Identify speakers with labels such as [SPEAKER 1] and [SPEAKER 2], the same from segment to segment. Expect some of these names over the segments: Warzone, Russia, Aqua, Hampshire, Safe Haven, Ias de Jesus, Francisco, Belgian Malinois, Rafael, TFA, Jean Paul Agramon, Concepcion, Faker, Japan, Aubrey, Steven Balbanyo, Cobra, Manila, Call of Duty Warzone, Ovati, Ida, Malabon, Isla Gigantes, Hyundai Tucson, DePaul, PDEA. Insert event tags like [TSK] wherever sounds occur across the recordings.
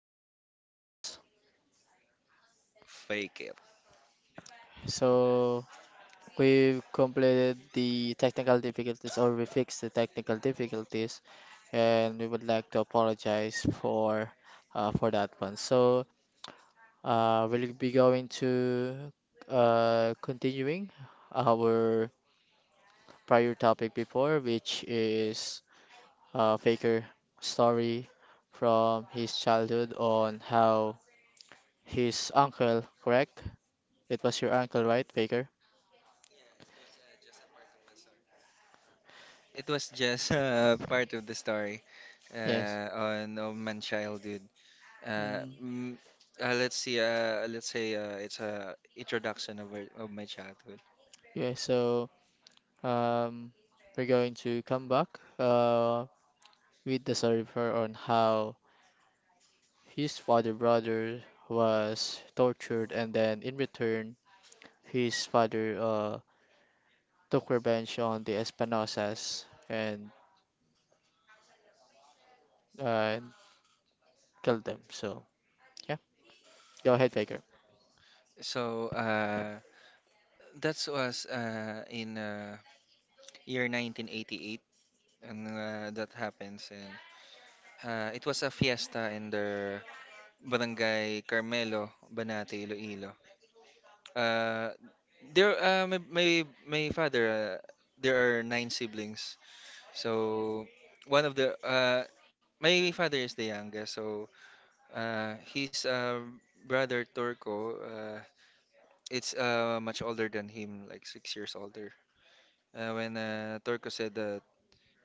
[SPEAKER 1] is Aqua, and this is
[SPEAKER 2] Fake it.
[SPEAKER 1] so we've completed the technical difficulties, or we fixed the technical difficulties, and we would like to apologize for that one. So we'll be going to continuing our prior topic before, which is Faker story from his childhood on how his uncle, correct? It was your uncle, right, Faker?
[SPEAKER 2] It was just [LAUGHS] part of the story
[SPEAKER 1] Yes.
[SPEAKER 2] on my childhood. Uh,
[SPEAKER 1] Mm.
[SPEAKER 2] mm, let's see. Let's say it's a introduction of, of my childhood.
[SPEAKER 1] Yeah, so um, we're going to come back uh, with the story of her on how his father brother was tortured and then in return his father took revenge on the Espinosas and uh, killed them. So yeah, go ahead, Faker.
[SPEAKER 2] So that was in year 1988, and that happens. And it was a fiesta in the barangay Carmelo, Banati, Iloilo. Uh, there, my my My father. There are nine siblings. So one of the my father is the youngest. So his brother Turco. It's much older than him, like six years older. When Turco said that,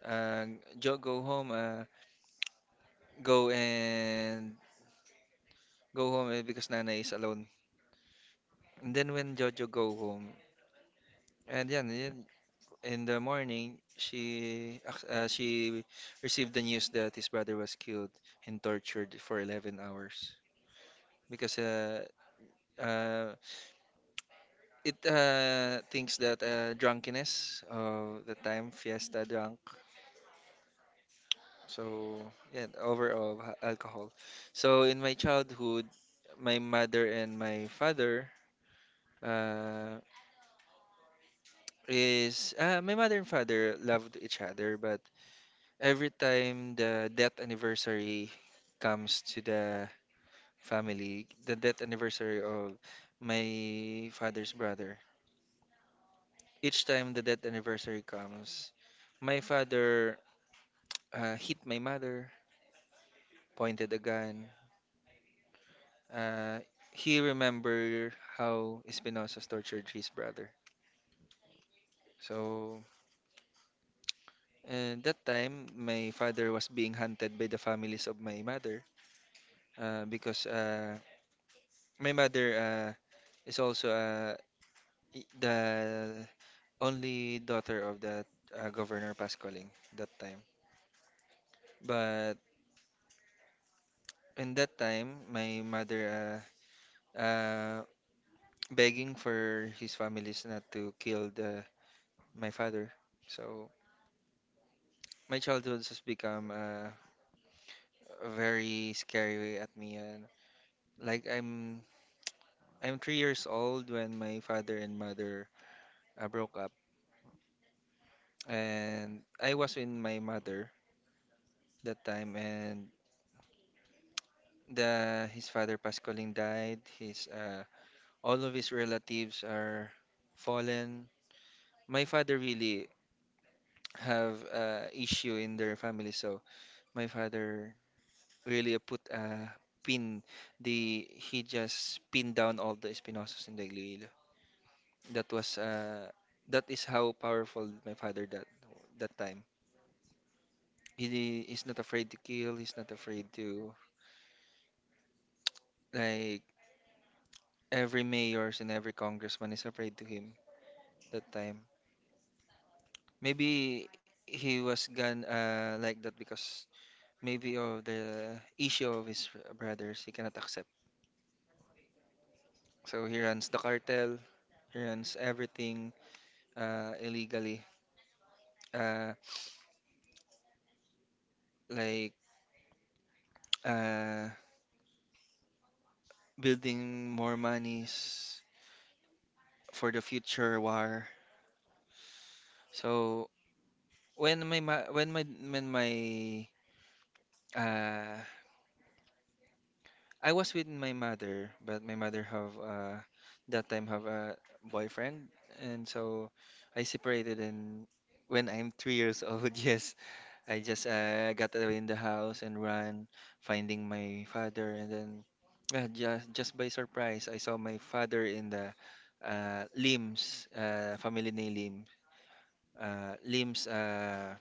[SPEAKER 2] uh, Joe, go home. Go and go home eh, because Nana is alone. And then when Jojo go home, and yan, yan in the morning, she received the news that his brother was killed and tortured for 11 hours because uh, it thinks that drunkenness of the time fiesta drunk. So yeah, overall alcohol. So in my childhood, my mother and my father uh, is my mother and father loved each other, but every time the death anniversary comes to the family, the death anniversary of my father's brother, each time the death anniversary comes, my father hit my mother, pointed a gun. Uh, he remembered how Espinosa tortured his brother. So, that time, my father was being hunted by the families of my mother because my mother is also a, the only daughter of that Governor Pascaling that time. But in that time, my mother uh, uh, begging for his families not to kill the, my father. So my childhood has become very scary at me. And like I'm three years old when my father and mother broke up, and I was with my mother that time, and the his father Pascaline died. His All of his relatives are fallen. My father really have issue in their family, so my father really put a pin. The He just pinned down all the Espinosas in the Iloilo. That was uh, that is how powerful my father that that time. He is not afraid to kill. He's not afraid to like every mayors and every congressman is afraid to him that time. Maybe he was gone like that because maybe of the issue of his brothers he cannot accept. So he runs the cartel, he runs everything illegally, uh, like uh, building more monies for the future war. So when my ma- when my uh, I was with my mother, but my mother have that time have a boyfriend, and so I separated and when I'm three years old, [LAUGHS] yes, I just got away in the house and ran, finding my father, and then just by surprise, I saw my father in the Lim's family name Lim, uh, Lim's uh,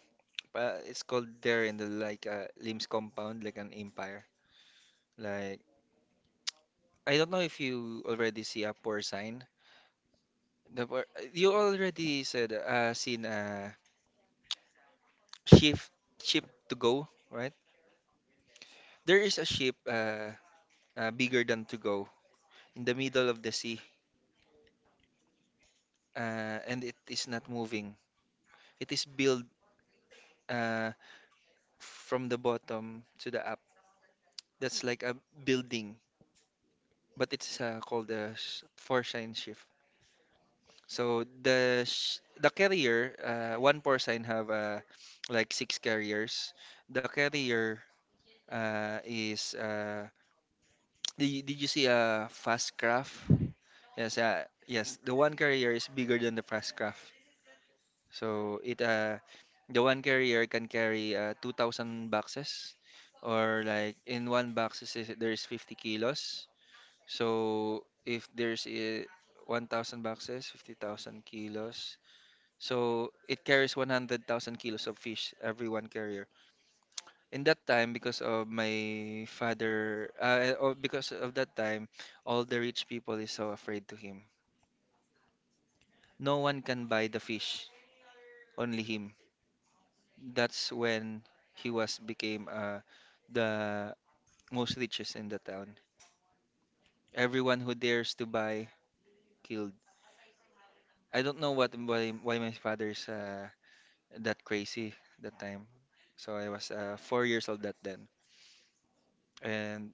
[SPEAKER 2] it's called there in the like Lim's compound, like an empire. Like I don't know if you already see a poor sign. The por- you already said seen a shift ship to go, right? There is a ship bigger than to go in the middle of the sea, and it is not moving. It is built uh, from the bottom to the up. That's like a building, but it's called a four sign shift. So the carrier, one four sign have like six carriers. The carrier uh, is uh, did you see a Fast Craft? Yes, yes. The one carrier is bigger than the Fast Craft, so it the one carrier can carry 2,000 boxes, or like in one box there's 50 kilos. So if there's 1,000 boxes, 50,000 kilos. So it carries 100,000 kilos of fish every one carrier. In that time because of my father or because of that time all the rich people is so afraid to him, no one can buy the fish, only him. That's when he was became the most richest in the town. Everyone who dares to buy killed. I don't know what why my father is that crazy that time. So I was four years old that then, and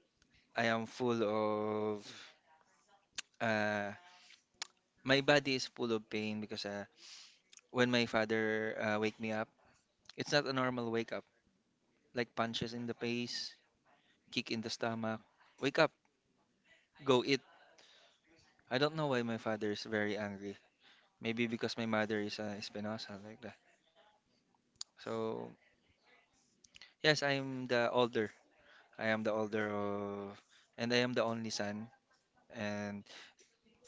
[SPEAKER 2] I am full of uh, my body is full of pain because when my father wake me up, it's not a normal wake up. Like punches in the face, kick in the stomach. Wake up, go eat. I don't know why my father is very angry. Maybe because my mother is a Espinosa like that. So yes, I'm the older. I am the older of, and I am the only son. And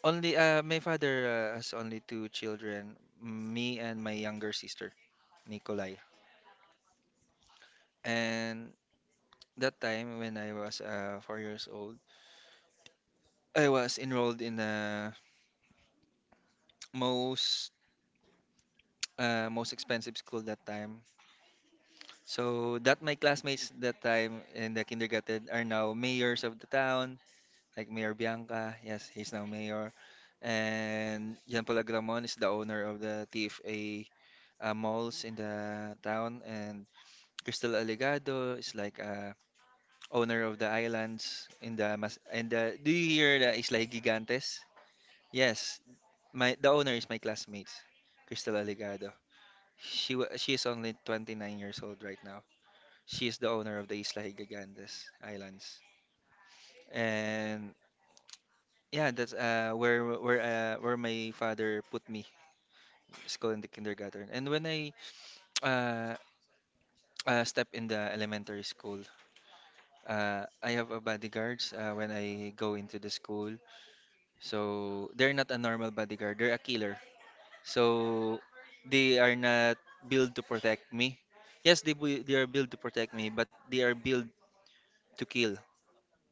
[SPEAKER 2] only my father has only two children, me and my younger sister, Nikolai. And that time when I was four years old, I was enrolled in the most most expensive school that time. So that my classmates that time in the kindergarten are now mayors of the town, like Mayor Bianca. Yes, he's now mayor. And Jean Paul Agramon is the owner of the TFA malls in the town. And Crystal Alegado is like owner of the islands in the Mas and the, do you hear the Isla Gigantes? Yes, my the owner is my classmate, Crystal Aligado. She is only 29 years old right now. She is the owner of the Isla Higagantes Islands. And yeah, that's where my father put me, school in the kindergarten. And when I uh, step in the elementary school, I have a bodyguards when I go into the school. So they're not a normal bodyguard; they're a killer. So they are not built to protect me. Yes, they are built to protect me, but they are built to kill.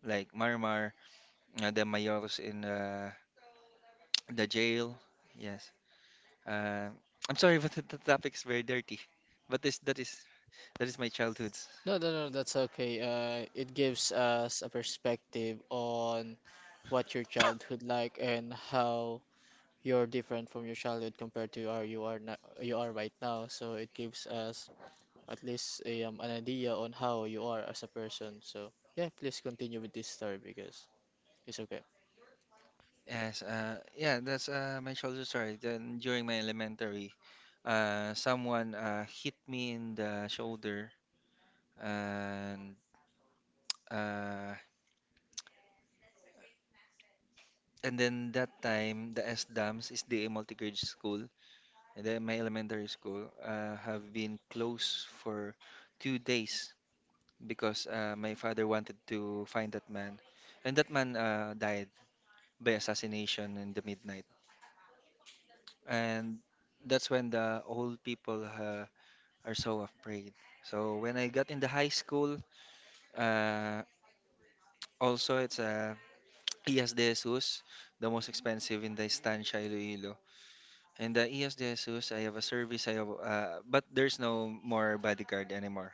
[SPEAKER 2] Like Marmar, the Mayors in [TSK] the jail. Yes. Uh, I'm sorry, [LAUGHS] but the topic is very dirty. But this that is my childhood's.
[SPEAKER 1] No, no, no, that's okay. It gives us a perspective on what your childhood like and how you're different from your childhood compared to how you are now, you are right now. So it gives us at least an idea on how you are as a person. So yeah, please continue with this story because it's okay.
[SPEAKER 2] Yes. Yeah, that's my childhood story. Then during my elementary, someone hit me in the shoulder and. Uh, And then that time, the SDAMS is the multi-grade school, and then my elementary school have been closed for two days because my father wanted to find that man, and that man died by assassination in the midnight, and that's when the old people are so afraid. So when I got in the high school, uh, also it's [TSK] Ias de Jesus, the most expensive in the Estancia Iloilo. And the ES de Jesus, I have a service. I have, but there's no more bodyguard anymore.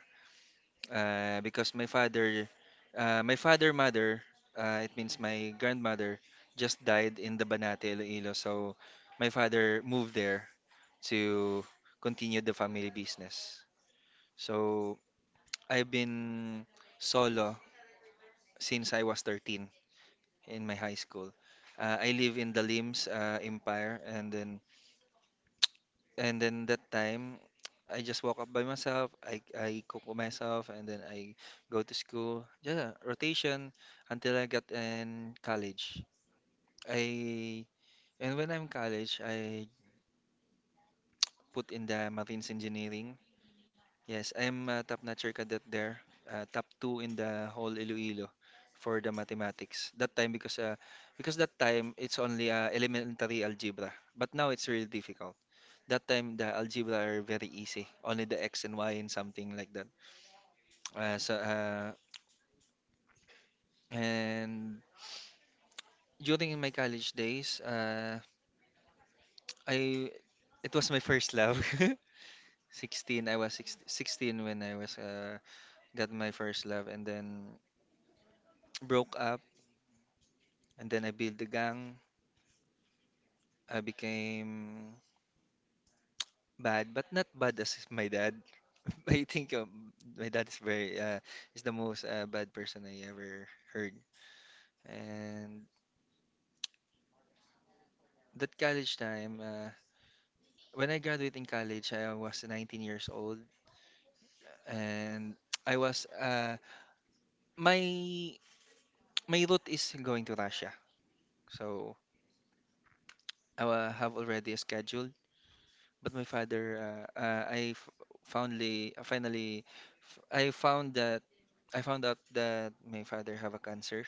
[SPEAKER 2] Because my father mother, it means my grandmother, just died in the Banate, Iloilo. So my father moved there to continue the family business. So I've been solo since I was 13 in my high school. I live in the Lims Empire, and then and then that time, I just woke up by myself. I cook for myself, and then I go to school. Yeah, rotation until I got in college. I and when I'm in college, I put in the marines engineering. Yes, I'm a top-notcher cadet there, top two in the whole Iloilo for the mathematics. That time because that time it's only elementary algebra, but now it's really difficult. That time the algebra are very easy, only the x and y and something like that. So and During my college days, I it was my first love. [LAUGHS] 16, I was 16, sixteen when I was got my first love and then broke up and then I built the gang. I became bad, but not bad as my dad. [LAUGHS] I think my dad is very is the most bad person I ever heard. And that college time, when I graduated in college, I was 19 years old, and I was my my route is going to Russia, so have already scheduled. But my father, I f- foundly finally f- I found that I found out that my father have a cancer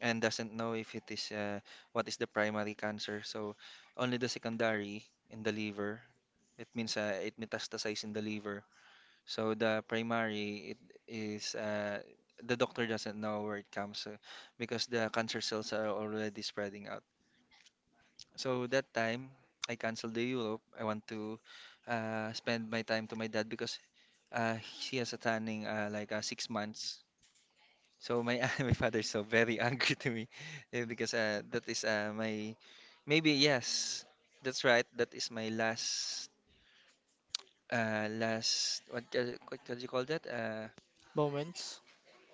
[SPEAKER 2] and doesn't know if it is what is the primary cancer, so only the secondary in the liver. It means it metastasized in the liver. So the primary it is the doctor doesn't know where it comes because the cancer cells are already spreading out. So that time I canceled the Europe. I want to spend my time to my dad because he has a tanning like six months. So my [LAUGHS] my father is so very [LAUGHS] angry to me, because that is my, maybe, yes, that's right, that is my last, last, what, what do you call that,
[SPEAKER 1] Moments,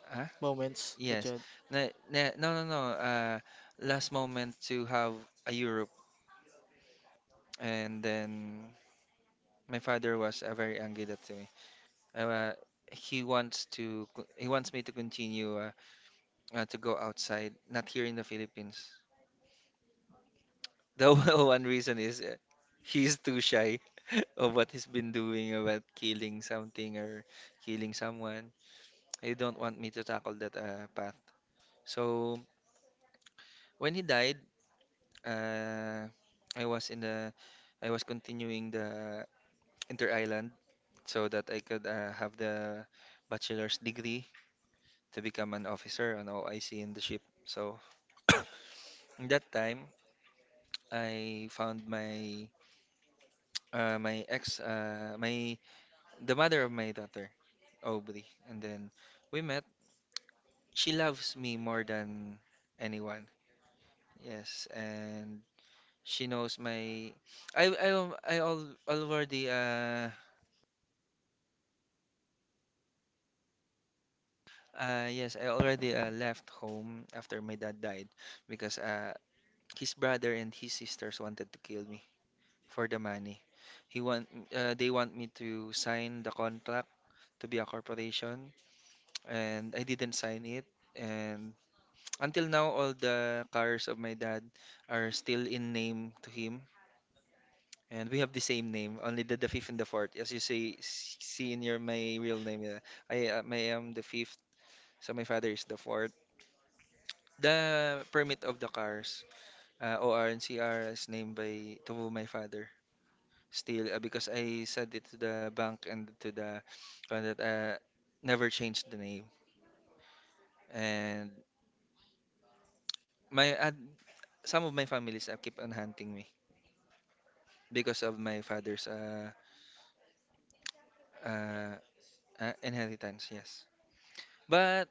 [SPEAKER 2] huh?
[SPEAKER 1] moments that
[SPEAKER 2] Yes.
[SPEAKER 1] you had,
[SPEAKER 2] No, no, no, no. Last moment to have a Europe, and then my father was very angry that to me. Uh, he wants me to continue, to go outside, not here in the Philippines. The [LAUGHS] one reason is, he's too shy [LAUGHS] of what he's been doing about killing something or killing someone. He don't want me to tackle that path. So when he died, uh, I was in the I was continuing the inter island so that I could have the bachelor's degree to become an officer on OIC in the ship. So [COUGHS] in that time, I found my my ex my the mother of my daughter, Aubrey, and then we met. She loves me more than anyone. Yes, and she knows. My I al already Yes, I already left home after my dad died because his brother and his sisters wanted to kill me for the money. He want They want me to sign the contract to be a corporation, and I didn't sign it. And until now, all the cars of my dad are still in name to him, and we have the same name, only the fifth and the fourth. As you say, see in your my real name, yeah. I am the fifth, so my father is the fourth. The permit of the cars, O R and C R is named by to my father still, because I said it to the bank and to the one that never changed the name. And my some of my families keep on hunting me because of my father's uh, inheritance. Yes. But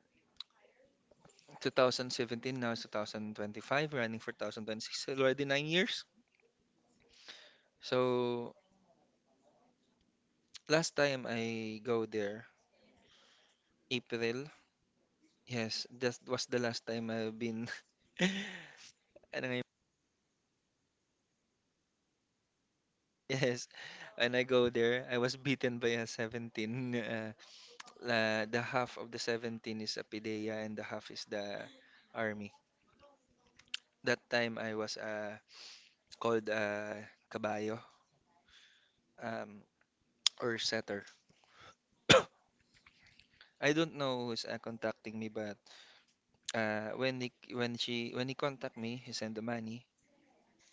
[SPEAKER 2] 2017, now is 2025, running for 2026, already 9 years. So last time I go there, April. Yes, that was the last time I've been. [LAUGHS] And I, yes, and I go there. I was beaten by a 17. Uh, la The half of the 17 is a PIDEA and the half is the army. That time I was called kabayo, um, [TSK] or setter. [COUGHS] I don't know who's contacting me, but when he contact me, he send the money.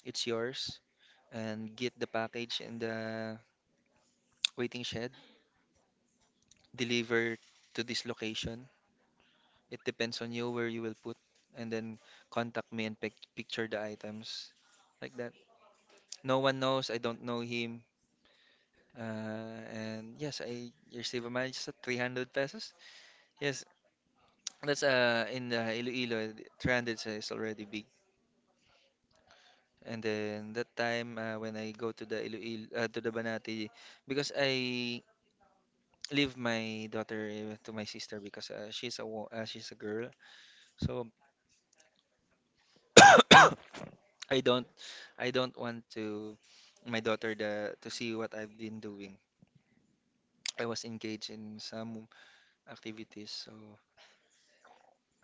[SPEAKER 2] It's yours and get the package in the [TSK] waiting shed. Deliver to this location. It depends on you where you will put, and then contact me and picture the items like that. No one knows. I don't know him. And yes, I receive a mileage at 300 pesos. Yes, that's in Iloilo. 300 is already big. And then that time, when I go to the Iloilo, to the Banati, because I leave my daughter, to my sister because, she's a girl. So [COUGHS] I don't I don't want to my daughter, to see what I've been doing. I was engaged in some activities, so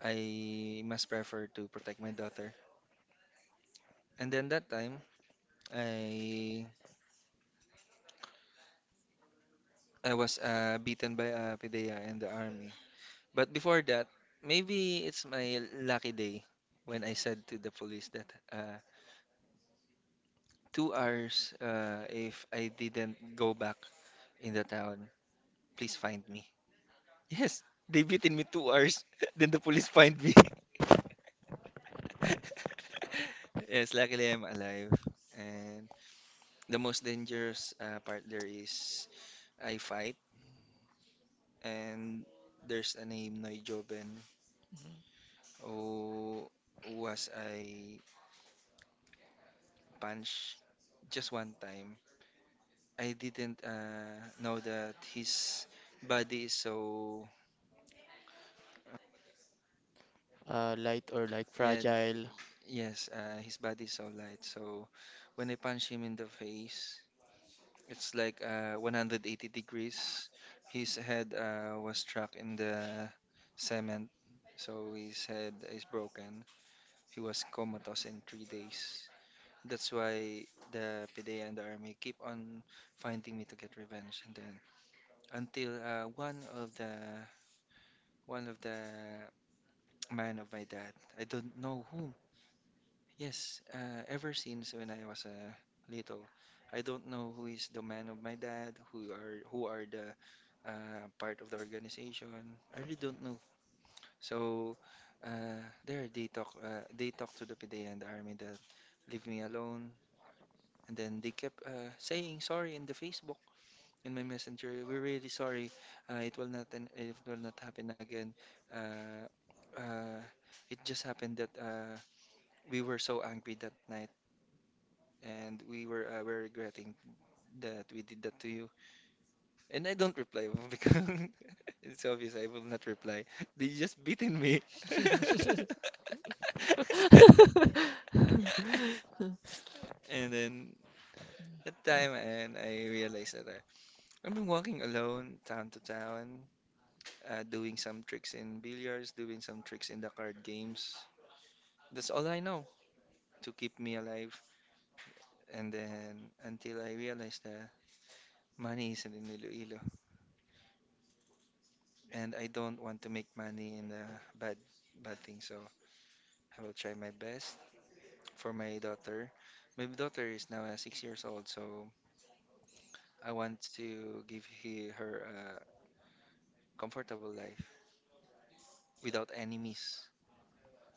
[SPEAKER 2] I must prefer to protect my daughter. And then that time, I I was beaten by a PDEA in the army. But before that, maybe it's my lucky day when I said to the police that, 2 hours, if I didn't go back in the town, please find me. Yes, they beaten me 2 hours. [LAUGHS] Then the police find me. [LAUGHS] Yes, luckily I'm alive. And the most dangerous part there is I fight, and there's a name Noy Joben who was I punch just one time. I didn't know that his body is so,
[SPEAKER 1] light or like
[SPEAKER 2] yeah,
[SPEAKER 1] fragile.
[SPEAKER 2] yes, his body is so light. So when I punch him in the face, it's like 180 degrees. His head, was struck in the cement, so his head is broken. He was comatose in 3 days. That's why the PDA and the army keep on finding me to get revenge. And then, until, one of the man of my dad, I don't know who. Yes, ever since when I was, little, I don't know who is the man of my dad, who are the part of the organization. I really don't know. So there they talk to the PDA and the army that leave me alone, and then they kept, saying sorry in the Facebook in my messenger. We're really sorry. It will not happen again. Uh, uh, it just happened that, we were so angry that night, and we're regretting that we did that to you. And I don't reply [LAUGHS] because [LAUGHS] it's obvious I will not reply. They just beaten me. [LAUGHS]
[SPEAKER 1] [LAUGHS]
[SPEAKER 2] And then at time, and I realized that, I've been walking alone, town to town, doing some tricks in billiards, doing some tricks in the card games. That's all I know to keep me alive. And then until I realized that money isn't in Iloilo. And I don't want to make money in a bad bad thing. So I will try my best for my daughter. My daughter is now 6 years old, so I want to give her a comfortable life without any miss.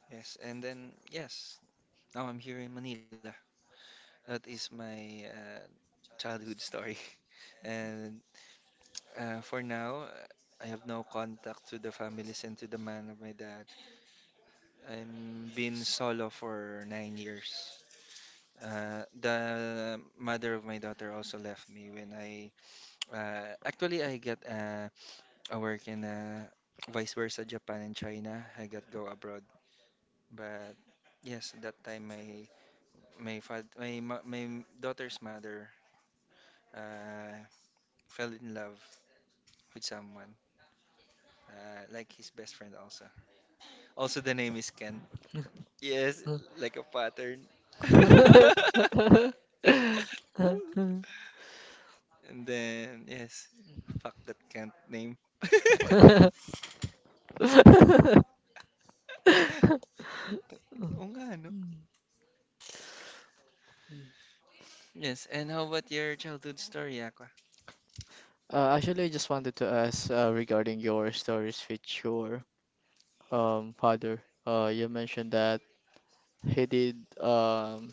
[SPEAKER 2] Yes, and then, yes, now I'm here in Manila. That is my childhood story, [LAUGHS] and for now. I have no contact to the families and to the man of my dad. I'm been solo for 9 years. The mother of my daughter also left me when I actually I got a work in, vice versa Japan and China. I got go abroad, but yes, that time, my father my mo- my daughter's mother, uh, fell in love with someone, like his best friend also. Also the name is Kent. Yes,
[SPEAKER 1] Mm.
[SPEAKER 2] like a pattern. [LAUGHS] Ooh. And then, yes, fuck that can't name. [LAUGHS] Oo nga, no? Yes, and how about your childhood story, Aqua?
[SPEAKER 1] Actually, I just wanted to ask regarding your stories with your father. You mentioned that he did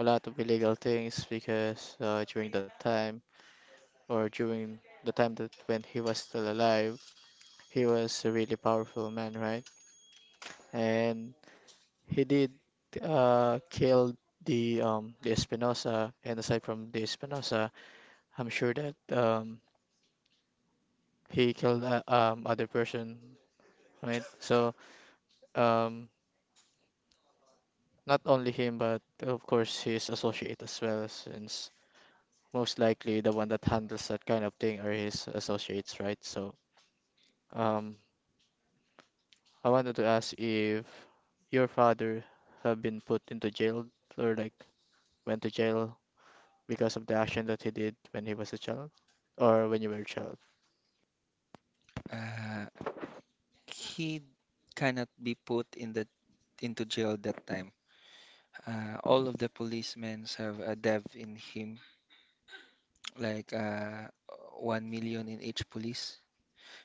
[SPEAKER 1] a lot of illegal things because during that time, or during the time that when he was still alive, he was a really powerful man, right? And he did kill the the Espinosa, and aside from the Espinosa, I'm sure that he killed other person, right? So um, not only him, but of course his associate as well, since most likely the one that handles that kind of thing are his associates, right? So um, I wanted to ask if your father have been put into jail or like went to jail because of the action that he did when he was a child or when you were a child.
[SPEAKER 2] Uh, he cannot be put in the into jail that time. All of the policemen have a dev in him, like 1 million in each police.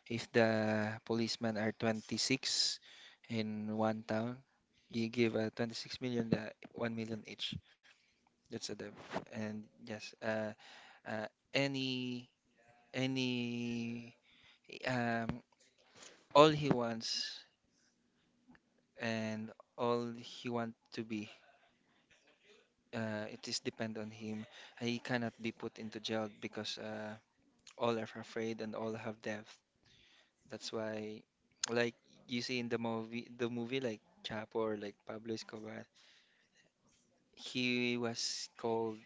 [SPEAKER 2] If the policemen are 26 in one town, you give 26 million, the 1 million each. That's a dev. And yes, uh, any any, um, all he wants and all he want to be, it is depend on him. He cannot be put into jail because all are afraid and all have death. That's why, like you see in the movie, like Chapo or like Pablo Escobar, he was called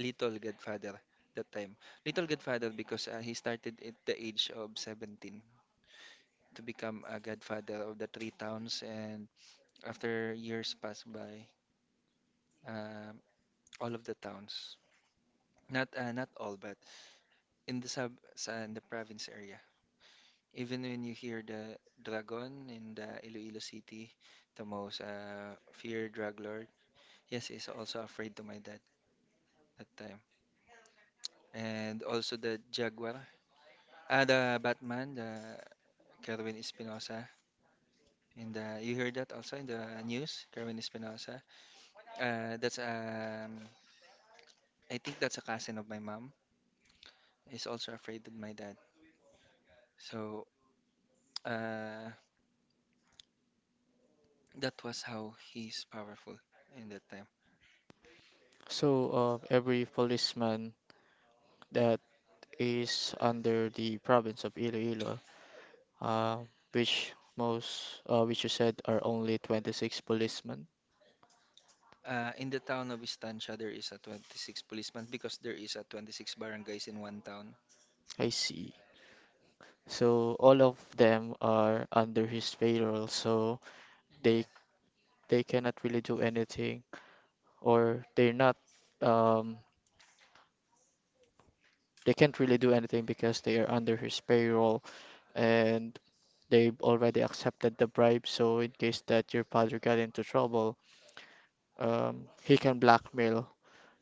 [SPEAKER 2] Little Godfather that time. Little Godfather because he started at the age of 17 to become a godfather of the three towns. And after years pass by, uh, all of the towns, not all, but in in the province area, even when you hear the dragon in the Iloilo City, the most feared drug lord, yes, is also afraid to my dad that time. And also the jaguar, the Batman, the Kerwin Espinosa. And you heard that also in the news, Kerwin Espinosa. That's I think that's a cousin of my mom. Is also afraid of my dad. So uh, that was how he's powerful in that time.
[SPEAKER 1] So, every policeman that is under the province of Iloilo, uh, which you said are only 26 policemen.
[SPEAKER 2] In the town of Estancia, there is a 26 policeman because there is a 26 barangays in one town.
[SPEAKER 1] I see. So all of them are under his payroll, so they
[SPEAKER 2] Yes.
[SPEAKER 1] they cannot really do anything, or they're not, um, they can't really do anything because they are under his payroll. And they've already accepted the bribe. So in case that your father got into trouble, he can blackmail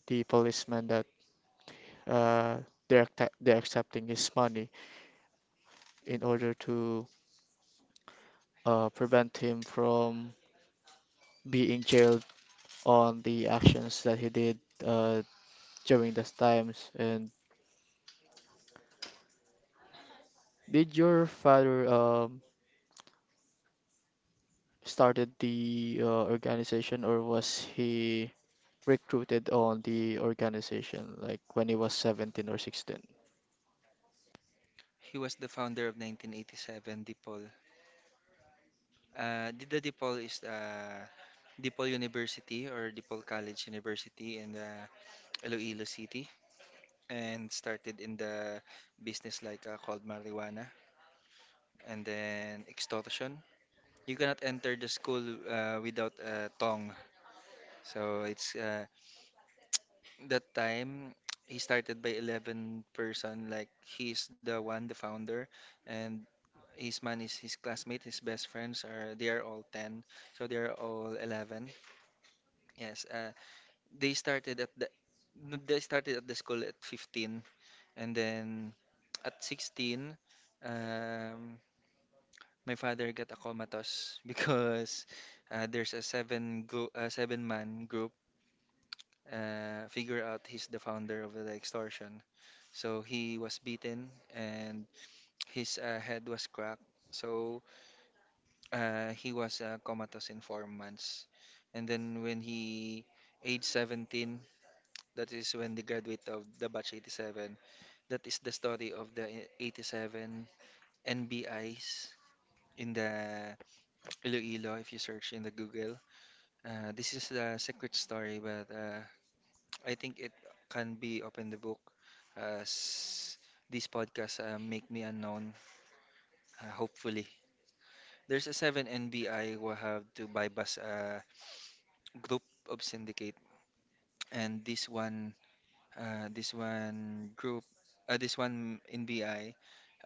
[SPEAKER 1] the policeman that uh, they're accepting his money in order to prevent him from being jailed on the actions that he did uh, during those times. And did your father started the organization or was he recruited on the organization like when he was 17 or 16?
[SPEAKER 2] He was the founder of 1987 DePaul. The DePaul is DePaul University or DePaul College University in, Iloilo City, and started in the business like, called marijuana, and then extortion. You cannot enter the school without a tong. So it's, that time he started by 11 person, like he's the one the founder, and his man is his classmate, his best friends are, they are all 10, so they are all 11. Yes, they started at the they started at the school at 15 and then at 16. Um, my father got a comatose [LAUGHS] because, there's a seven group, seven-man group, figure out he's the founder of the extortion. So he was beaten and his, head was cracked. So he was comatose in 4 months. And then when he aged 17, that is when they graduate of the batch 87. That is the story of the 87 NBIs in the Iloilo if you search in the Google. This is the secret story, but I think it can be open the book as these podcasts, make me unknown, hopefully. There's a 7 NBI who have to bypass a group of syndicate, and this one group, this one NBI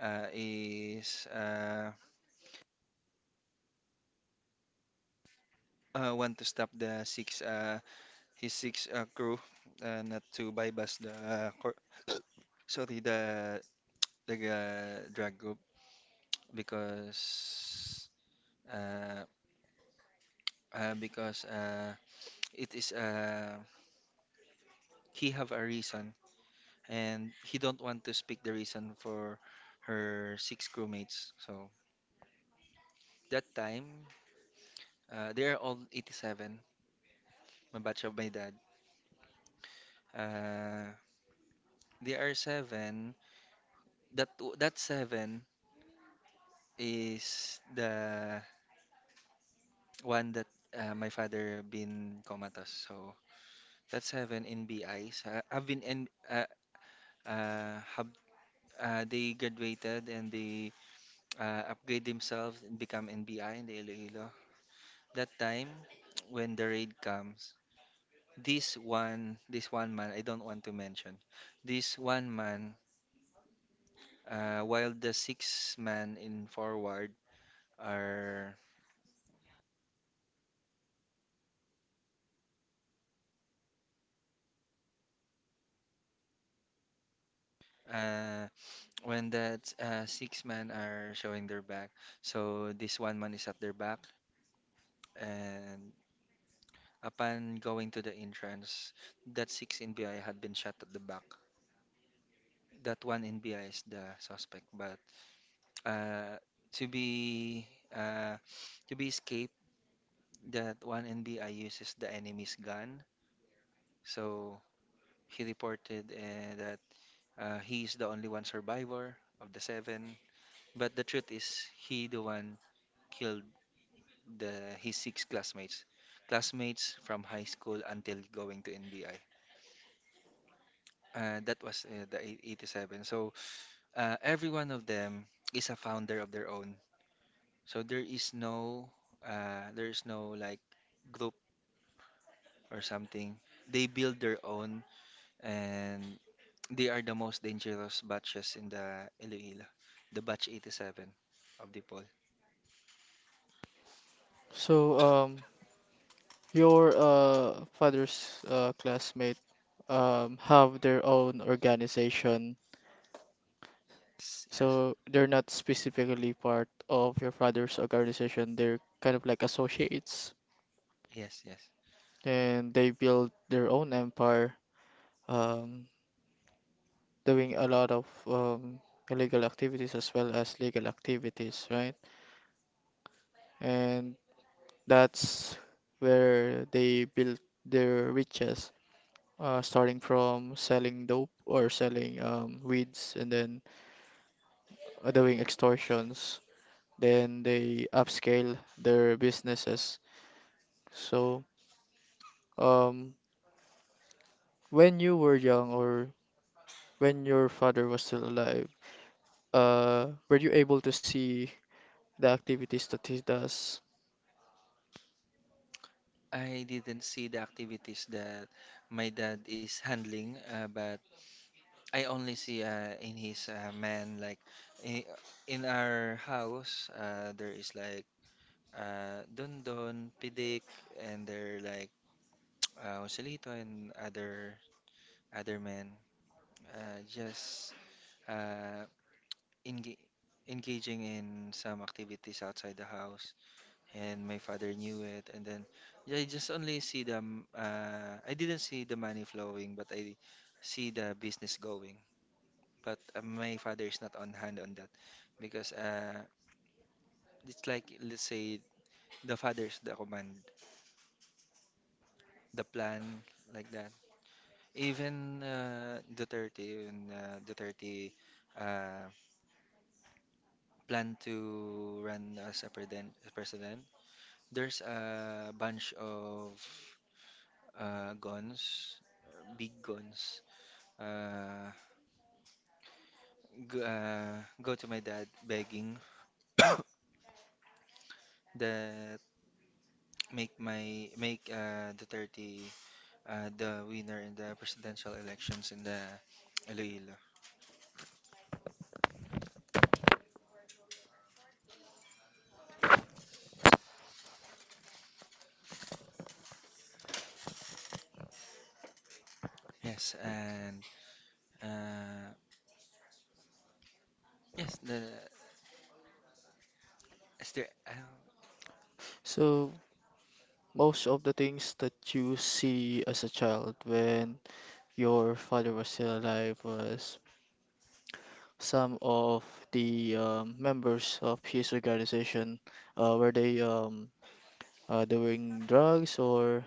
[SPEAKER 2] is want to stop his six crew, not to bypass the [COUGHS] sorry, the drag group because uh, because it is he have a reason and he don't want to speak the reason for her six crewmates. So that time they are all 87, my batch of my dad. Uh they are seven. That that seven is the one that my father been comatose. So that seven NBIs. I've been in, have They graduated and they upgrade themselves and become NBI in the Iloilo. That time when the raid comes, this one man I don't want to mention. This one man, while the six man in forward are, uh, when that six men are showing their back. So this one man is at their back, and upon going to the entrance, that six NBI had been shot at the back. That one NBI is the suspect, but uh, to be uh, to be escaped, that one NBI uses the enemy's gun. So he reported that he is the only one survivor of the seven. But the truth is, he the one killed the his six classmates, classmates from high school until going to NBI. That was the 87. So every one of them is a founder of their own. So there is no like group or something. They build their own, and they are the most dangerous batches in the Iloilo. The batch 87 of the poll.
[SPEAKER 1] So, your father's classmate have their own organization.
[SPEAKER 2] Yes, yes,
[SPEAKER 1] So they're not specifically part of your father's organization. They're kind of like associates,
[SPEAKER 2] yes, yes.
[SPEAKER 1] and they build their own empire, um, doing a lot of illegal activities as well as legal activities, right? And that's where they built their riches, starting from selling dope or selling weeds and then doing extortions. Then they upscale their businesses. So, um, when you were young or when your father was still alive, were you able to see the activities that he does?
[SPEAKER 2] I didn't see the activities that my dad is handling, but I only see in his man like in, in our house there is like don don pidik, and they're like Joselito and other men, uh, just uh, enga- engaging in some activities outside the house, and my father knew it. And then yeah, I just only see them. I didn't see the money flowing, but I see the business going. But my father is not on hand on that because it's like, let's say, the father is the command, the plan like that. Even Duterte, even Duterte uh, planned to run as a president. There's a bunch of guns, big guns. Uh, Go to my dad begging [COUGHS] that make Duterte the winner in the presidential elections in the Iloilo. Yes, and uh, yes, the is there.
[SPEAKER 1] So, most of the things that you see as a child when your father was still alive was some of the members of his organization were they doing drugs or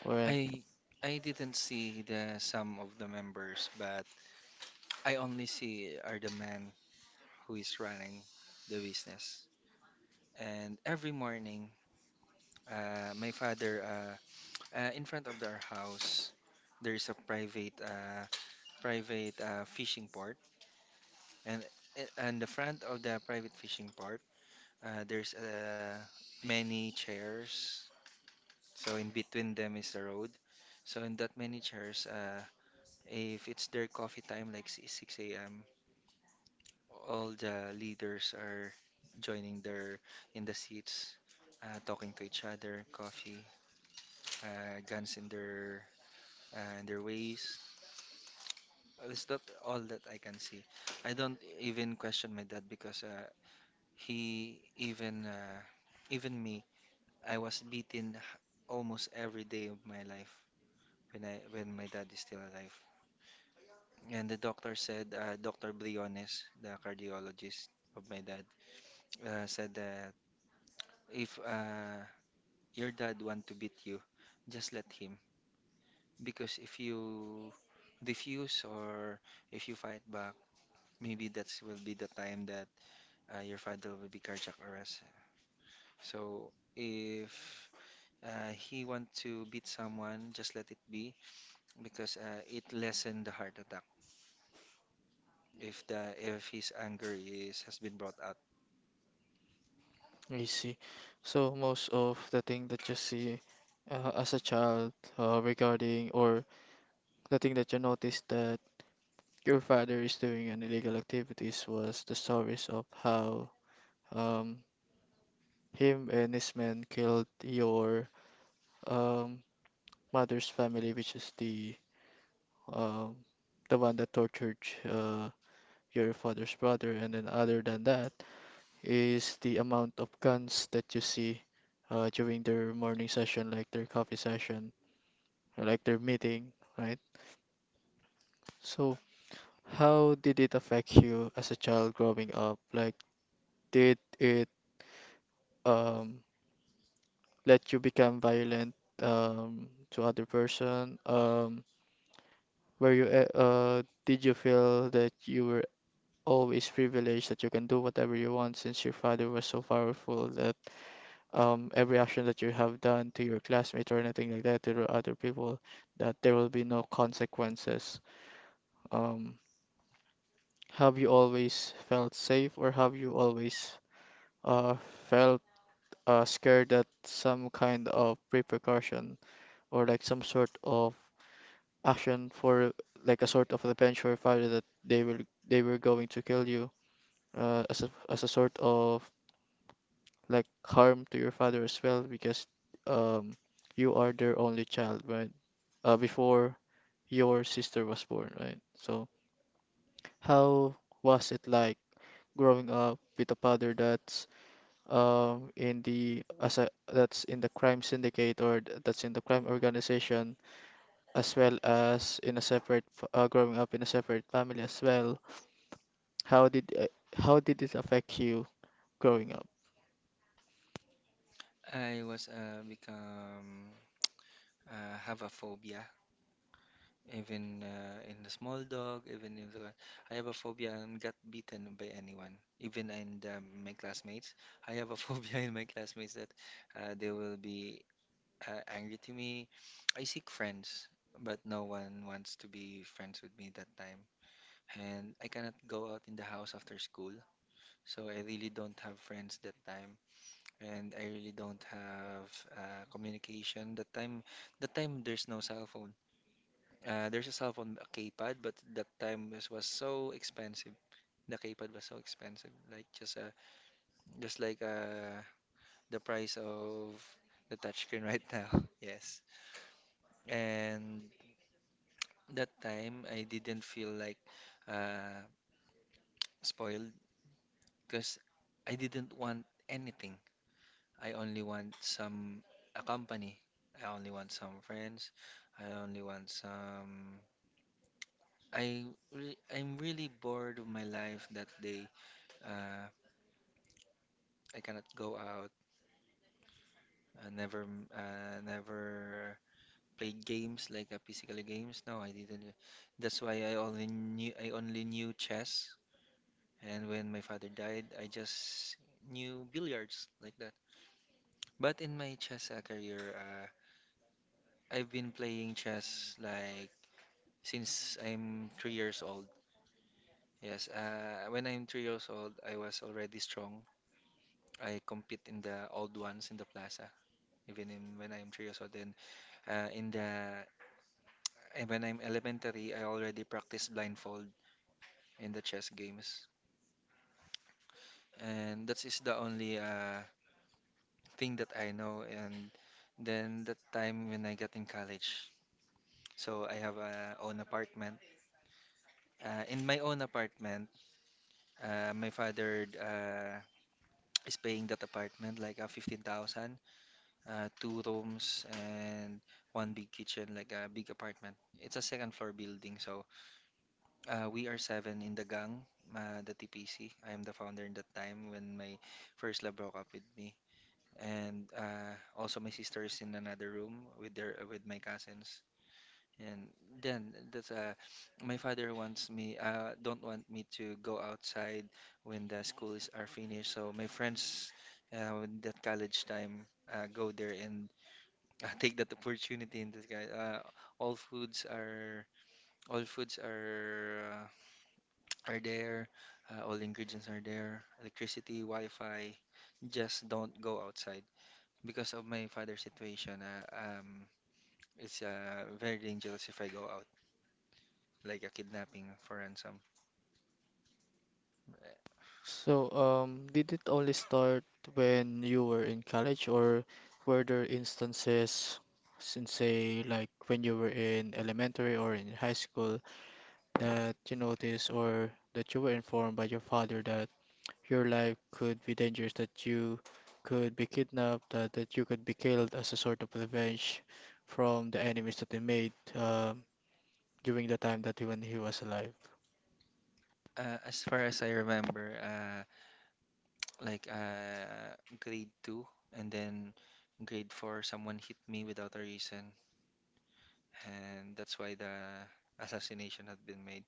[SPEAKER 1] or an-
[SPEAKER 2] I I didn't see the some of the members, but I only see are the man who is running the business. And every morning, my father, in front of our house, there is a private private fishing port, and the front of the private fishing port, there's many chairs. So in between them is the road. So in that many chairs, if it's their coffee time, like 6 a.m., all the leaders are joining their in the seats, talking to each other, coffee, guns in their ways. That's not all that I can see. I don't even question my dad because he even even me, I was beaten almost every day of my life when my dad is still alive. And the doctor said, Dr. Briones, the cardiologist of my dad, said that if your dad want to beat you, just let him. Because if you refuse or if you fight back, maybe that will be the time that your father will be cardiac arrest. So if he want to beat someone, just let it be because it lessen the heart attack if the if his anger is has been brought out.
[SPEAKER 1] I see. So most of the thing that you see as a child regarding or the thing that you noticed that your father is doing an illegal activities was the stories of how um, him and his men killed your um, mother's family, which is um, the one that tortured uh, your father's brother, and then other than that is the amount of guns that you see during their morning session, like their coffee session, or like their meeting, right? So, how did it affect you as a child growing up? Like, did it um, let you become violent to other person? Were you did you feel that you were always privileged that you can do whatever you want since your father was so powerful that every action that you have done to your classmate or anything like that to the other people, that there will be no consequences. Um, have you always felt safe or have you always uh, felt scared that some kind of repercussion or like some sort of action for like a sort of revenge or fire that they were going to kill you as a sort of like harm to your father as well because um you are their only child, right? Before your sister was born, right? So how was it like growing up with a father that's in the crime syndicate or that's in the crime organization as well as in a growing up in a separate family as well? How did uh, how did it affect you growing up?
[SPEAKER 2] I was become have a phobia, even in the small dog, I have a phobia and got beaten by anyone, my classmates. I have a [LAUGHS] phobia in my classmates that they will be angry to me. I seek friends, but no one wants to be friends with me that time. And I cannot go out in the house after school, so I really don't have friends that time. And I really don't have communication. That time there's no cell phone. There's a cell phone, a keypad, but that time this was so expensive. The keypad was so expensive, like just like the price of the touchscreen right now. [LAUGHS] Yes, and that time I didn't feel like uh, spoiled because I didn't want anything. I only want some a company. I only want some friends. I only want some. I I'm really bored of my life that day. Uh, I cannot go out. I never m- never played games like physical games. No, I didn't. That's why I only knew chess. And when my father died, I just knew billiards like that. But in my chess career, I've been playing chess like since I'm 3 years old. Yes, when I'm 3 years old, I was already strong. I compete in the old ones in the plaza, when I'm 3 years old. Then in the and when I'm elementary, I already practice blindfold in the chess games, and that is the only thing that I know. And then that time when I got in college, so I have a own apartment. In my own apartment, my father. Is paying that apartment like 15,000, two rooms and one big kitchen, like a big apartment. It's a second floor building, so we are seven in the gang, the TPC. I am the founder in that time when my first love broke up with me. And also my sister is in another room with my cousins. And then that's my father wants me don't want me to go outside when the schools are finished. So my friends when that college time go there and, [LAUGHS] take that opportunity in this guy. All foods are all foods are there. All ingredients are there. Electricity, Wi-Fi. Just don't go outside because of my father's situation. It's very dangerous if I go out, like a kidnapping for ransom.
[SPEAKER 1] So, did it only start when you were in college, or were there instances, since say like when you were in elementary or in high school, that you noticed or that you were informed by your father that your life could be dangerous, that you could be kidnapped, that you could be killed as a sort of revenge from the enemies that he made during the time that he, when he was alive?
[SPEAKER 2] As far as I remember, like uh, grade two and then grade four, someone hit me without a reason, and that's why the assassination had been made.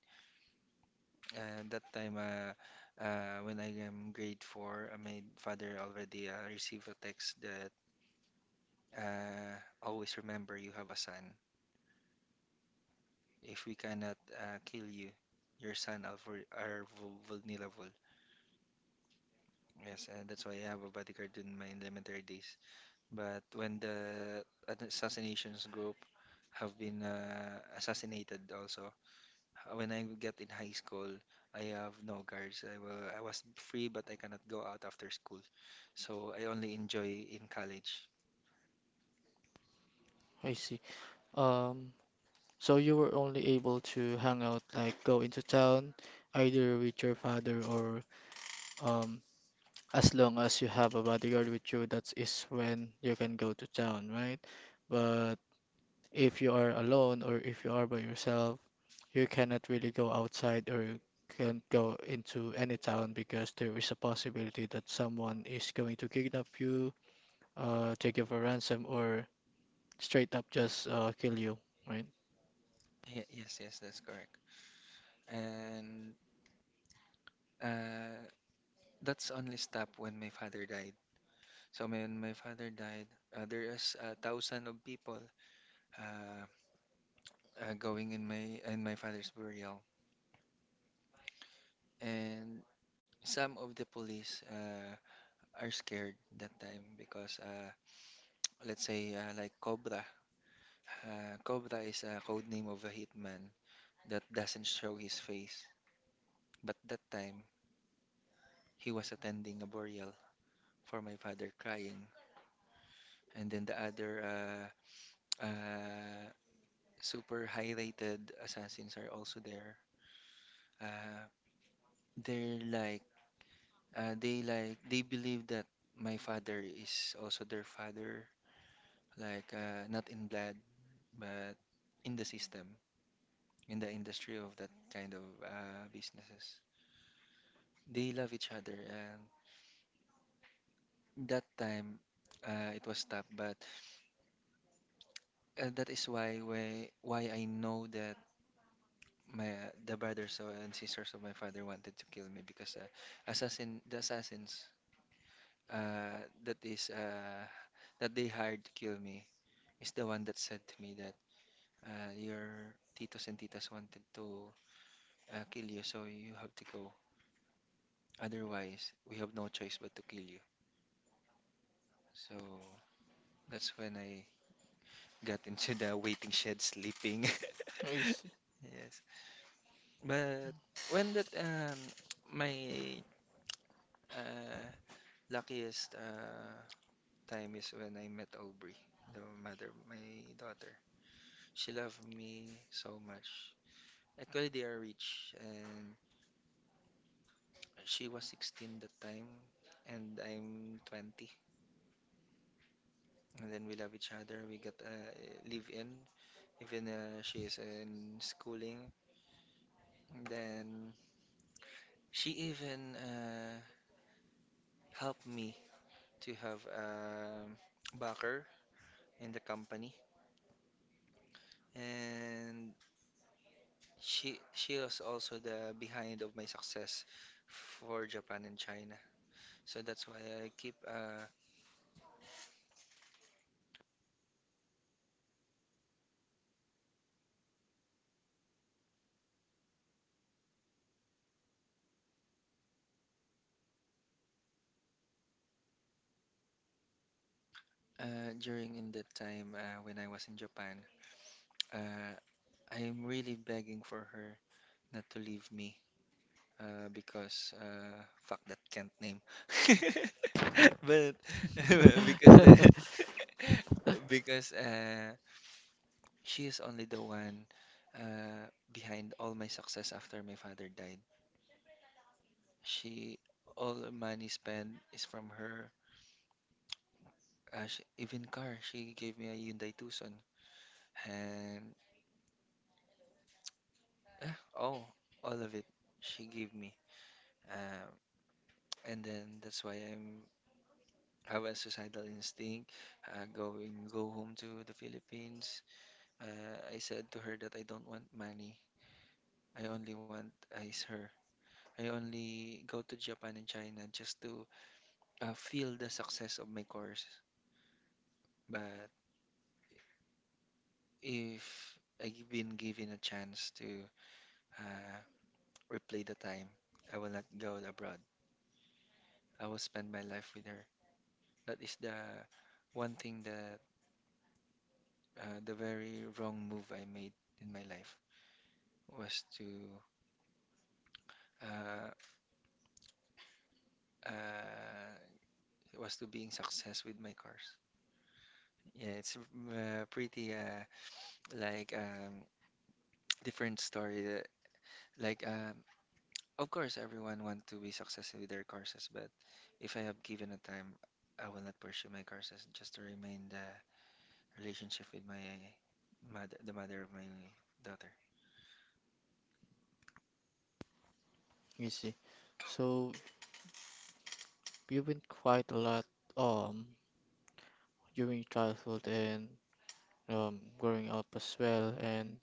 [SPEAKER 2] Uh, that time, uh, when I am grade four, my father already received a text that always remember you have a son. If we cannot kill you, your son are, vulnerable. Yes, and that's why I have a bodyguard in my elementary days. But when the assassinations group have been assassinated also, when I get in high school, I have no guards. I was free, but I cannot go out after school. So I only enjoy in college.
[SPEAKER 1] I see. Um, So you were only able to hang out, like go into town, either with your father or um, as long as you have a bodyguard with you, that is when you can go to town, right? But if you are alone or if you are by yourself, you cannot really go outside or you can't go into any town because there is a possibility that someone is going to kidnap you, take you for ransom, or straight up just kill you, right?
[SPEAKER 2] Yes, yes, that's correct. And uh, that's only stopped when my father died. So when my father died, there is a thousand of people. Uh, Going in my father's burial, and some of the police are scared that time because let's say like Cobra. Cobra is a code name of a hitman that doesn't show his face. But that time he was attending a burial for my father crying, and then the other uh, super high-rated assassins are also there. Uh, they're like they like They believe that my father is also their father, like not in blood, but in the system, in the industry of that kind of businesses. They love each other, and that time it was tough, but that is why I know that my the brothers and sisters of my father wanted to kill me because assassins uh, that is uh, that they hired to kill me is the one that said to me that your titos and titas wanted to kill you, so you have to go. Otherwise, we have no choice but to kill you. So that's when I got [LAUGHS] into the waiting shed sleeping.
[SPEAKER 1] I
[SPEAKER 2] [LAUGHS]
[SPEAKER 1] see.
[SPEAKER 2] Yes. But when that my uh luckiest time is when I met Aubrey, the mother of my daughter. She loved me so much. Actually they are rich, and she was 16 that time, and I'm 20. And then we love each other. We got live in, even she is in schooling. And then she even helped me to have a backer in the company. And she was also the behind of my success for Japan and China. So that's why I keep during in that time when I was in Japan. Uh, I'm really begging for her not to leave me because fuck that can't name. [LAUGHS] But [LAUGHS] because the
[SPEAKER 1] [LAUGHS]
[SPEAKER 2] [LAUGHS] because she is only the one behind all my success after my father died. She all the money spent is from her. She, even car, she gave me a Hyundai Tucson, and uh, oh, all of it she gave me. Um, and then that's why I'm have a suicidal instinct, going go home to the Philippines. I said to her that I don't want money. I only want is her. I only go to Japan and China just to feel the success of my course. But if I've been given a chance to uh, replay the time, I will not go abroad. I will spend my life with her. That is the one thing that the very wrong move I made in my life was to uh, uh, was to being success with my cars. Yeah, it's pretty like [TSK] different story. Like of course everyone want to be successful with their cars, but if I have given a time, I will not pursue my cars just to remain the relationship with my mother, the mother of my daughter.
[SPEAKER 1] I see. So you've been quite a lot um during childhood and growing up as well, and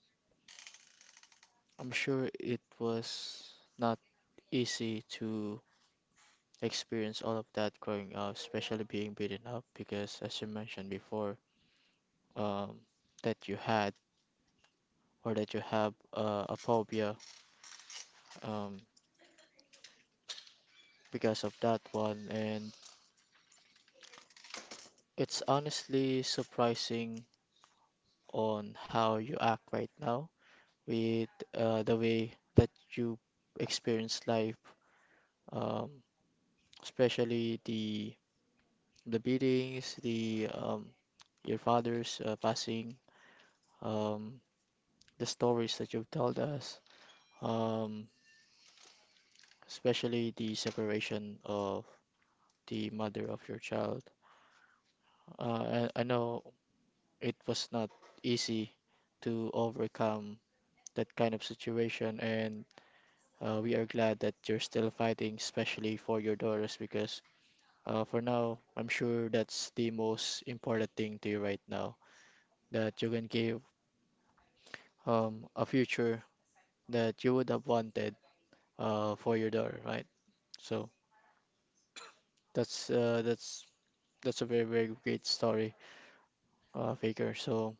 [SPEAKER 1] I'm sure it was not easy to experience all of that growing up, especially being beaten up, because as you mentioned before, um that you had or that you have a phobia um because of that one, and it's honestly surprising on how you act right now with the way that you experience life, um, especially the beatings, the your father's passing, um, the stories that you've told us, um, especially the separation of the mother of your child. I know it was not easy to overcome that kind of situation, and we are glad that you're still fighting, especially for your daughters, because for now, I'm sure that's the most important thing to you right now that you can give a future that you would have wanted for your daughter, right? So that's that's a very very great story, Faker. So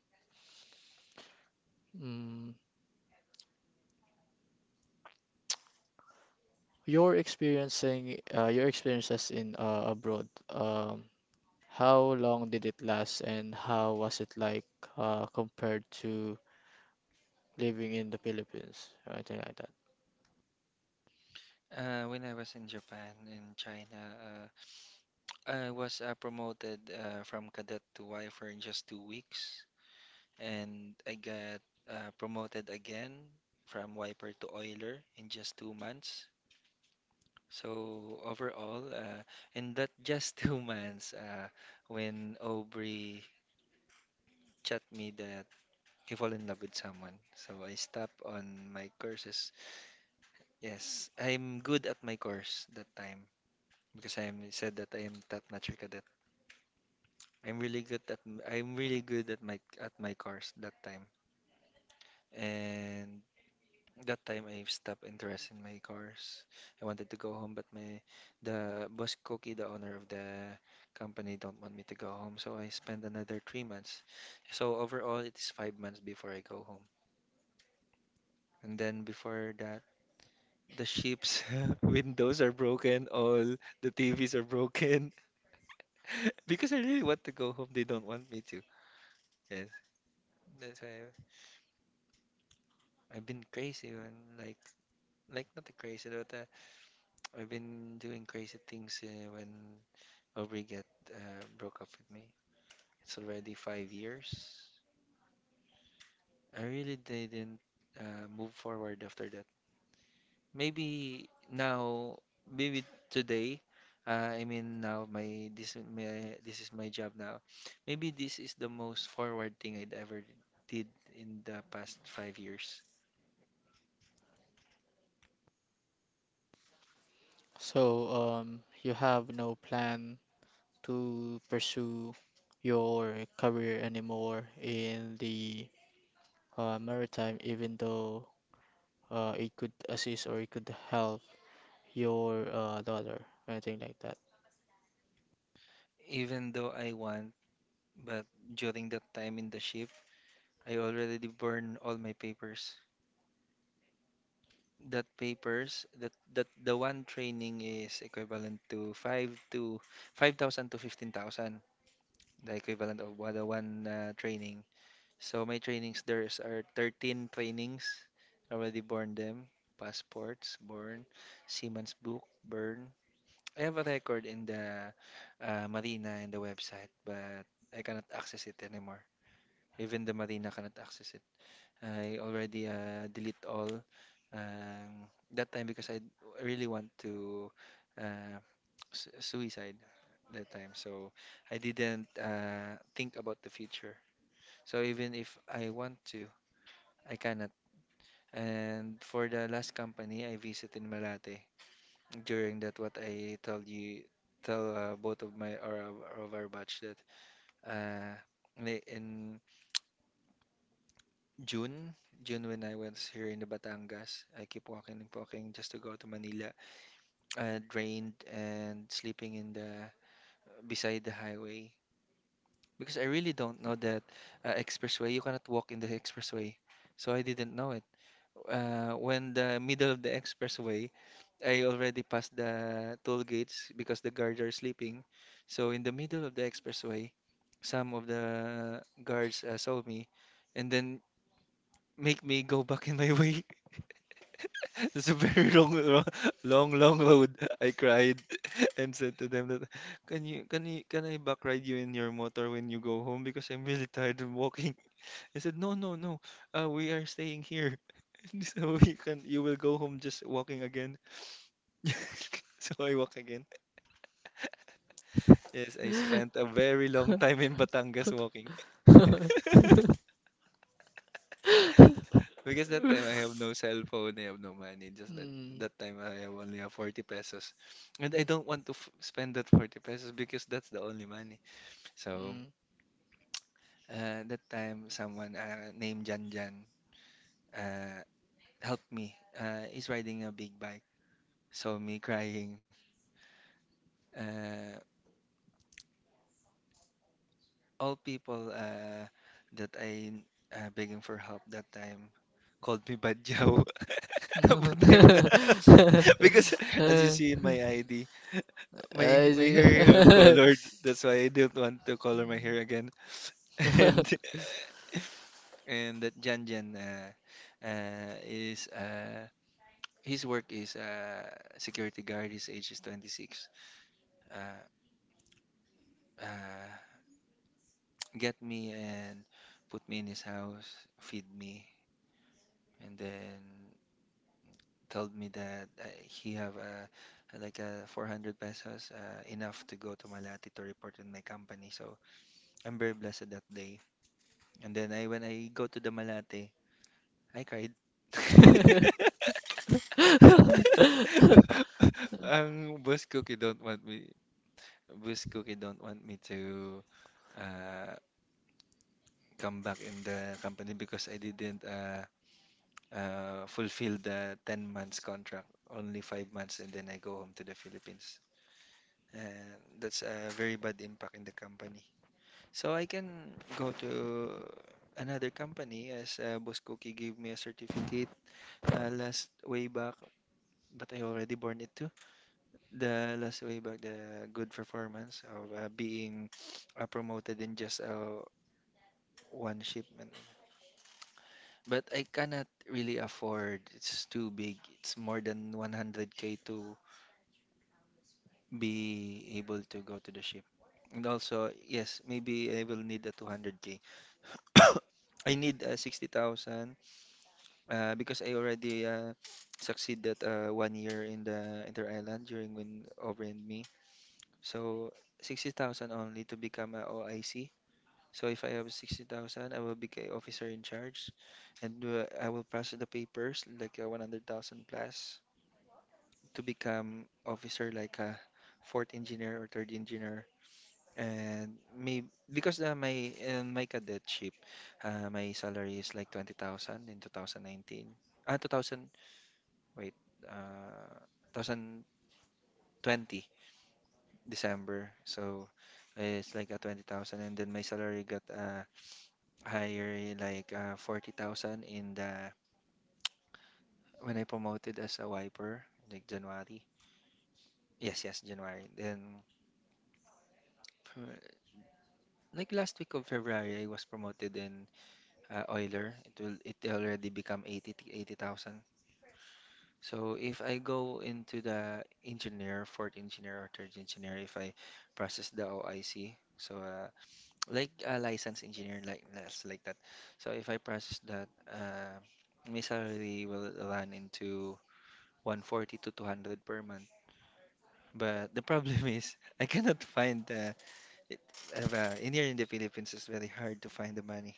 [SPEAKER 1] mm your experiences in abroad, how long did it last, and how was it like compared to living in the Philippines, or anything like that?
[SPEAKER 2] When I was in Japan and China, uh, I was promoted from cadet to wifer in just 2 weeks. And I got promoted again from wiper to oiler in just 2 months. So overall, in that just [LAUGHS] 2 months, when Aubrey chat me that he fall in love with someone, so I stop on my courses. Yes, I'm good at my course that time because I am said that I am top-notch cadet. I'm really good at I'm really good at my course that time, and that time I stopped interest in my cars. I wanted to go home, but my the boss Koki, the owner of the company, don't want me to go home. So I spent another 3 months. So overall, it is 5 months before I go home. And then before that, the ship's [LAUGHS] windows are broken. All the TVs are broken [LAUGHS] because I really want to go home. They don't want me to. Yes, that's why I've been crazy. When, like, not crazy, but I've been doing crazy things when Aubrey get broke up with me. It's already 5 years. I really didn't move forward after that. Maybe now, maybe today. I mean now, my this is my this is my job now. Maybe this is the most forward thing I'd ever did in the past 5 years.
[SPEAKER 1] So, you have no plan to pursue your career anymore in the maritime, even though it could assist or it could help your daughter, anything like that.
[SPEAKER 2] Even though I want, but during that time in the ship, I already burned all my papers. That papers that the one training is equivalent to 5 to 5,000 to 15,000, the equivalent of what the one training. So my trainings there's are 13 trainings. Already born them. Passports, born, Seaman's book, burn. I have a record in the marina in the website, but I cannot access it anymore. Even the marina cannot access it. I already delete all um, that time because I really want to uh, suicide that time. So I didn't think about the future. So even if I want to, I cannot. And for the last company I visited in Malate during that what I told you tell both of my or of our batch that uh, in June, June when I was here in the Batangas, I keep walking and walking just to go to Manila. I drained and sleeping in the beside the highway because I really don't know that expressway. You cannot walk in the expressway, so I didn't know it. When the middle of the expressway, I already passed the toll gates because the guards are sleeping. So in the middle of the expressway, some of the guards saw me and then make me go back in my [LAUGHS] way. [LAUGHS] It's a very [LAUGHS] long, long, long road. I cried [LAUGHS] and said to them that, Can I back ride you in your motor when you go home? Because I'm really tired of walking." They said, "No, no, no. We are staying here, [LAUGHS] and so you will go home just walking again." [LAUGHS] So I walk again. Yes, I spent a very long time in Batangas walking.
[SPEAKER 1] [LAUGHS]
[SPEAKER 2] [LAUGHS] Because that time I have no cell phone, I have no money. Just
[SPEAKER 1] Mm,
[SPEAKER 2] that time I have only have 40 pesos. And
[SPEAKER 1] mm,
[SPEAKER 2] I don't want to f spend that 40 pesos because that's the only money. So that time someone named Jan Jan uh, helped me. He's riding a big bike. Saw me crying. Uh, all people that I begging for help that time called me Bad Joe, [LAUGHS] but I'm not [LAUGHS] because as you
[SPEAKER 1] mm.
[SPEAKER 2] see in
[SPEAKER 1] [LAUGHS]
[SPEAKER 2] my ID, my hair
[SPEAKER 1] I
[SPEAKER 2] have colored. That's why I don't want to color my hair again. [LAUGHS] And and that Jan Jan is his work is security guard. His age is 26. Uh, uh, get me and put me in his house, feed me, and then told me that he have a like a 400 pesos enough to go to Malate to report in my company. So I'm very blessed that day. And then I when I go to the Malate, I cried.
[SPEAKER 1] see.
[SPEAKER 2] [LAUGHS] Ang boss cookie don't want me to uh, come back in the company because I didn't fulfill the 10 months contract, only 5 months, and then I go home to the Philippines. And that's a very bad impact in the company. So I can go to another company as Boss Cookie gave me a certificate last way back, but I already born it too. The last way back, the good performance of being promoted in just one shipment. But I cannot really afford. It's too big. It's more than 100K to be able to go to the ship. And also, yes, maybe I will need a 200K. [COUGHS] I need 60,000 because I already succeeded one year in the inter-island during when over and me. So 60,000 only to become a OIC. So if I have 60,000, I will be a officer in charge and I will process the papers like 100,000 plus to become officer like a fourth engineer or third engineer. And maybe because my in my cadetship, my salary is like 20,000 in 2019. Ah, 2000, wait, uh, 2020 December. So it's like a 20,000, and then my salary got higher like 40,000 in the when I promoted as a wiper like January. Yes, yes, January. Then uh, like last week of February I was promoted in Euler, it already become 80,000. So if I go into the engineer, fourth engineer or third engineer, if I process the OIC, so like a license engineer, like that's like that. So if I process that, my salary will run into 140 to 200 per month. But the problem is, [LAUGHS] I cannot find it, in here in the Philippines, it's very hard to find the money,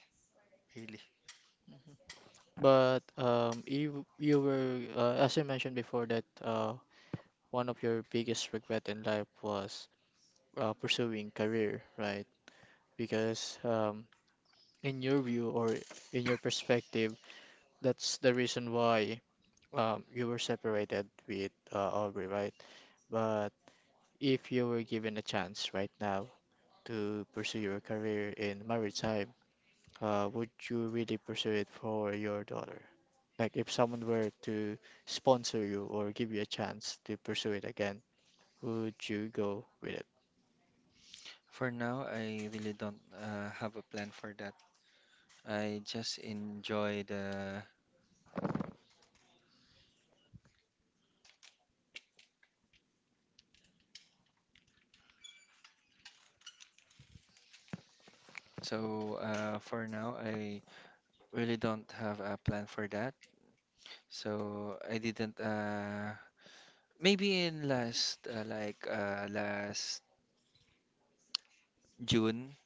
[SPEAKER 2] really.
[SPEAKER 1] [LAUGHS] [LAUGHS] But you were as you mentioned before that one of your biggest regret in life was pursuing career, right? Because in your view or in your perspective, that's the reason why you were separated with Aubrey, right? But if you were given a chance right now to pursue your career in maritime, would you really pursue it for your daughter? Like if someone were to sponsor you or give you a chance to pursue it again, would you go with it?
[SPEAKER 2] For now, I really don't have a plan for that. I just enjoy the. So for now, I really don't have a plan for that. So I didn't. Maybe in last like last June,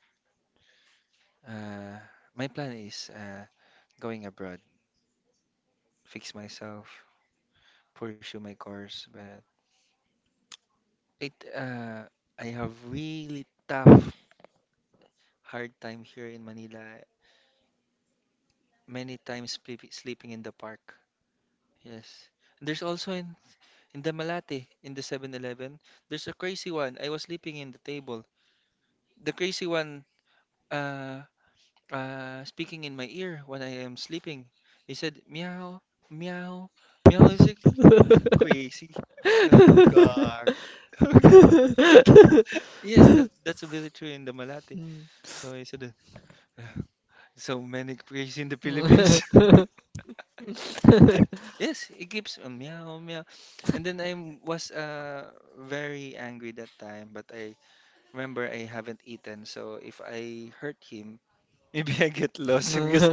[SPEAKER 2] uh, my plan is going abroad, fix myself, pursue my course. But it I have really tough hard time here in Manila. Many times sleeping in the park. Yes. There's also in the Malate in the 7-Eleven. There's a crazy one. I was sleeping in the table. The crazy one uh speaking in my ear when I am sleeping. He said meow, meow, meow is like
[SPEAKER 1] Mm.
[SPEAKER 2] crazy. [LAUGHS] Sabi ko, "Gag." [LAUGHS] Yes, that's really true in the Malate.
[SPEAKER 1] Mm.
[SPEAKER 2] So I said "Ugh, so many crazy in the Philippines. [LAUGHS]
[SPEAKER 1] [LAUGHS]
[SPEAKER 2] Yes, it keeps meow meow. And then I was very angry that time, but I remember I haven't eaten, so if I hurt him, [LAUGHS] maybe I get lost [LAUGHS] because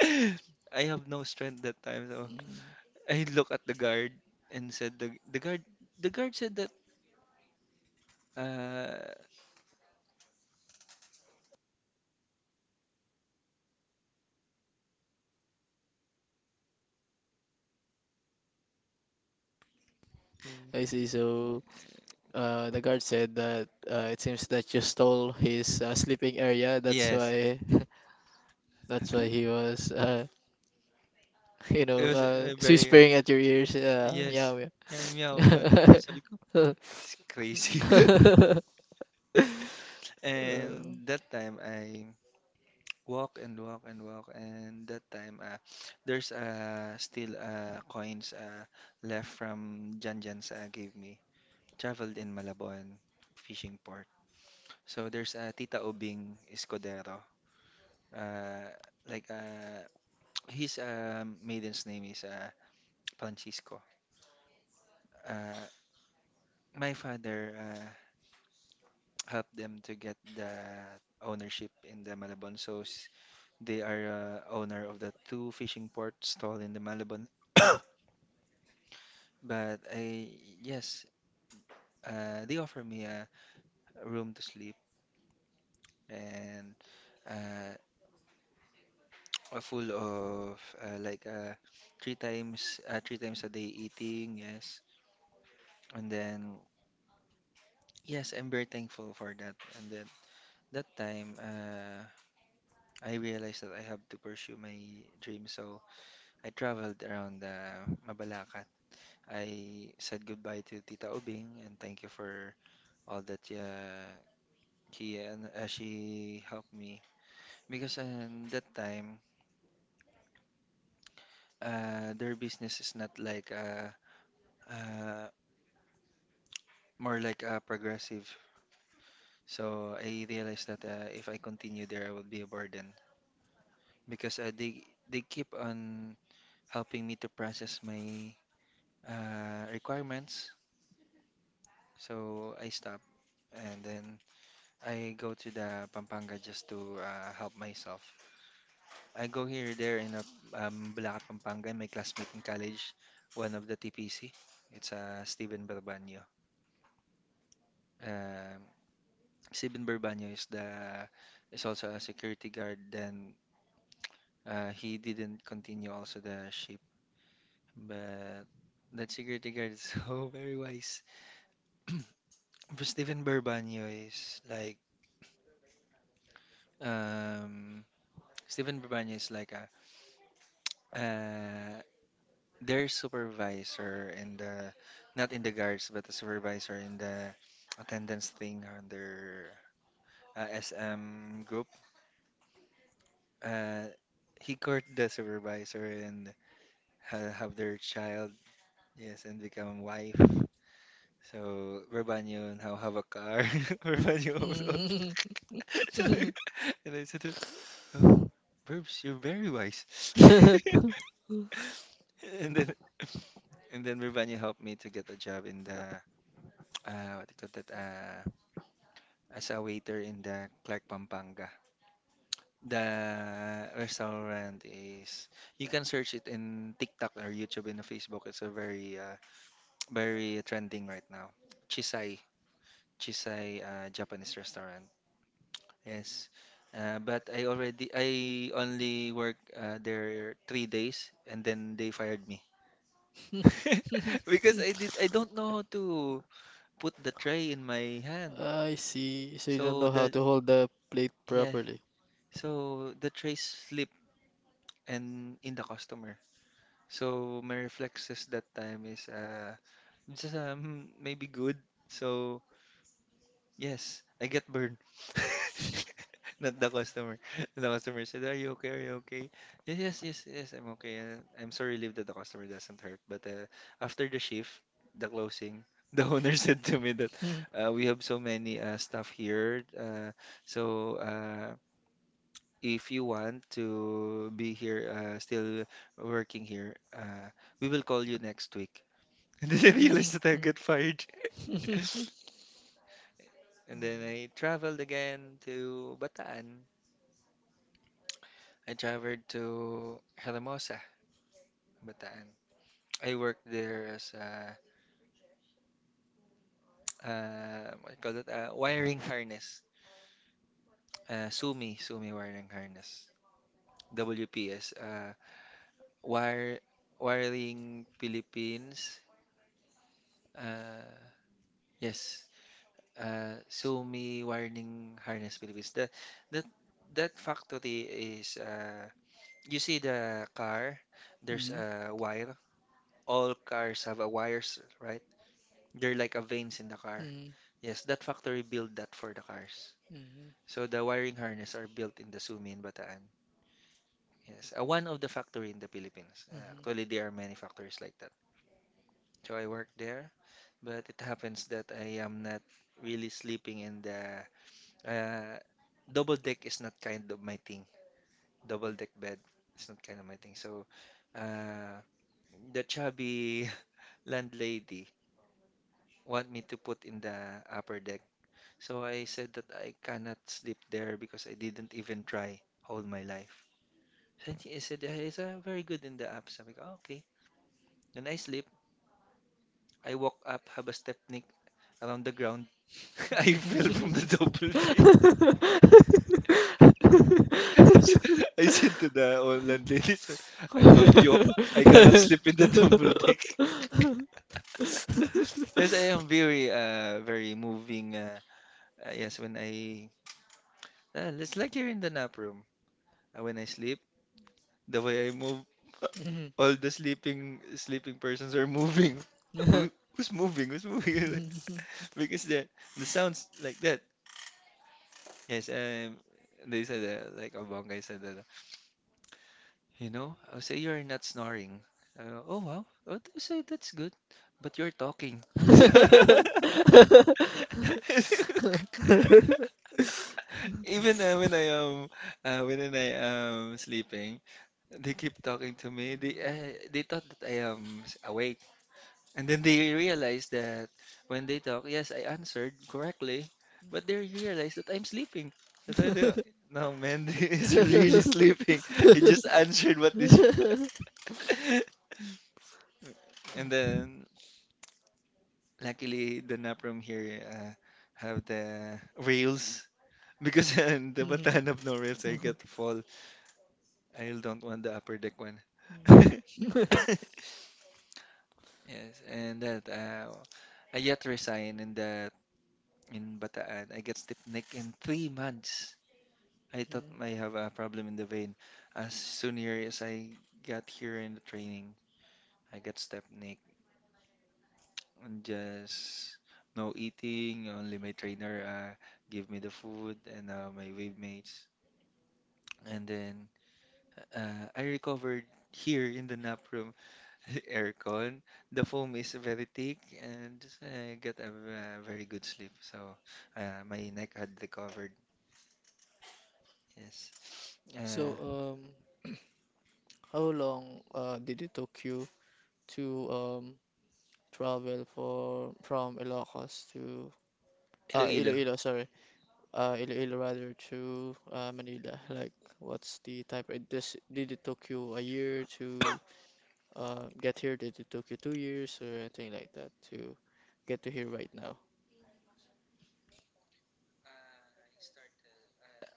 [SPEAKER 2] I have no strength that time. So
[SPEAKER 1] Mm,
[SPEAKER 2] I look at the guard and said the guard said that uh
[SPEAKER 1] I see. So, the guard said that it seems that you stole his sleeping area. That's
[SPEAKER 2] yes,
[SPEAKER 1] why, [LAUGHS] that's why he
[SPEAKER 2] [LAUGHS]
[SPEAKER 1] was [LAUGHS]
[SPEAKER 2] it was very
[SPEAKER 1] whispering at your ears, meow,
[SPEAKER 2] yes.
[SPEAKER 1] meow.
[SPEAKER 2] Meow meow meow. So sabi ko, it's crazy. [LAUGHS]
[SPEAKER 1] [LAUGHS] Uh,
[SPEAKER 2] And that time I walk and walk and walk, and that time there's still coins left from Janjan's gave me, traveled in Malabon fishing port. So there's Tita Ubing Escudero, uh, like [TSK] his maiden's name is Francisco. uh, my father [TSK] helped them to get the ownership in the Malabon, so they are owner of the 2 fishing ports stall in the Malabon. But I, yes, they offer me a room to sleep and uh, a full of, like, 3 times, 3 times a day eating, yes. And then, yes, I'm very thankful for that. And then that time, I realized that I have to pursue my dream, so I traveled around Mabalacat. I said goodbye to Tita Ubing and thank you for all that, she and, she helped me. Because that time, their business is not like, uh, more like, progressive. So I realized that if I continue there, I will be a burden because they keep on helping me to process my requirements. So I stop, and then I go to the Pampanga just to help myself. I go here there in a Bulacan, Pampanga, and my classmate in college, one of the TPC. It's Steven Balbanyo. um, Sabin Burbanyo is the, is also a security guard. Then he didn't continue also the ship, but that security guard is [LAUGHS] so very wise. [CLEARS THROAT] For Stephen Burbanyo is like, um, Stephen Burbanyo is like a, uh, their supervisor in the, not in the guards but a supervisor in the attendance thing on their SM group. Uh, he court the supervisor and have their child, yes, and become wife. So, Rebanyo now have a car. [LAUGHS] Rebanyo also. [LAUGHS] So,
[SPEAKER 1] [LAUGHS]
[SPEAKER 2] and I said to, oh, Burbs, you're very wise. [LAUGHS] And then, and then Rebanyo helped me to get a job in the, what do you call that, as a waiter in the Clark Pampanga. The restaurant is, you can search it in TikTok or YouTube and Facebook. It's a very, very trending right now. Chisai, Chisai Japanese restaurant. Yes. But I only work there 3 days and then they fired me. [LAUGHS] Because I don't know how to put the tray in my hand.
[SPEAKER 1] I see. So you don't
[SPEAKER 2] So
[SPEAKER 1] know how
[SPEAKER 2] the,
[SPEAKER 1] to hold the plate
[SPEAKER 2] yeah,
[SPEAKER 1] properly.
[SPEAKER 2] so the tray slipped and in the customer. So my reflexes that time is, just maybe good. So yes, I get burned. [LAUGHS] Not the customer. [LAUGHS] The customer said, "Are you okay? Are you okay?" Yes, yes, yes, yes, I'm okay. I'm so relieved that the customer doesn't hurt. But after the shift, the closing, [LAUGHS] the owner said to me that
[SPEAKER 1] Hmm.
[SPEAKER 2] we have so many staff here. So if you want to be here, still working here, we will call you next week. [LAUGHS] And then I realized that I get
[SPEAKER 1] [LAUGHS]
[SPEAKER 2] fired. [LAUGHS] And then I traveled again to Bataan. I traveled to Hermosa, Bataan. I worked there as a, what do you call it? A wiring harness. SUMI wiring harness. WPS. Wire, wiring Philippines. Uh, yes. SUMI wiring harness Philippines. That that factory is. You see the car. There's
[SPEAKER 1] Mhm.
[SPEAKER 2] a wire, all cars have a wires, right? They're like a veins in the car.
[SPEAKER 1] Mhm.
[SPEAKER 2] Yes, that factory built that for the cars.
[SPEAKER 1] Mhm.
[SPEAKER 2] So the wiring harness are built in the Sumi in Bataan. Yes, one of the factory in the Philippines. Actually, there are many factories like that. So I work there, but it happens that I am not really sleeping in the, uh, double deck is not kind of my thing. Double deck bed is not kind of my thing. So uh, the chubby [LAUGHS] landlady want me to put in the upper deck. So I said that I cannot sleep there because I didn't even try all my life. Then she said, "Yeah, it's very good in the app. Sabi ko, "Ah, okay. Then I sleep. I walk up, have a stepnik around the ground. [LAUGHS] I fell from the double deck. [LAUGHS] So I said to the online lady, "Sir, [LAUGHS] I told you, I cannot sleep in the double deck. [LAUGHS] Yes, I am very, very moving. Yes, when I, it's like you're in the nap room. When I sleep, the way I move, [LAUGHS] all the sleeping persons are moving. [LAUGHS]
[SPEAKER 1] Mhm.
[SPEAKER 2] Who,
[SPEAKER 1] [LAUGHS]
[SPEAKER 2] who's moving? Who's moving? [LAUGHS] Because the sounds like that. Yes, they said that, like a bong guy said that. You know, I'll say you're not snoring. Oh wow, I'll say that's good, but you're talking. [LAUGHS] Even when I am, when I am sleeping, they keep talking to me. They thought that I am awake, and then they realized that when they talk, yes, I answered correctly, but they realized that I'm sleeping. That's why they, no man, [LAUGHS] is really sleeping. He just answered what this,
[SPEAKER 1] [LAUGHS]
[SPEAKER 2] [LAUGHS] and then luckily the nap room here have the rails because [LAUGHS] in the
[SPEAKER 1] Mhm,
[SPEAKER 2] Bataan have no rails, I
[SPEAKER 1] mhm.
[SPEAKER 2] get to fall. I don't want the upper deck one. [LAUGHS]
[SPEAKER 1] Mhm.
[SPEAKER 2] Yes, and that I yet resign in that, in Bataan. I get stiff neck in 3 months. I thought I have a problem in the vein. As soon here as I got here in the training, I got stiff neck and just no eating. Only my trainer give me the food and my wave mates. And then I recovered here in the nap room. [LAUGHS] Aircon. The foam is very thick and just get a, very good sleep. So my neck had recovered. Yes.
[SPEAKER 1] So,
[SPEAKER 2] Uh,
[SPEAKER 1] how long did it took you to travel for from Ilocos to
[SPEAKER 2] Iloilo.
[SPEAKER 1] Iloilo, sorry, Iloilo rather to Manila? Like, what's the type? It this did it took you a year to get here? Did it took you 2 years or anything like that to get to here right now?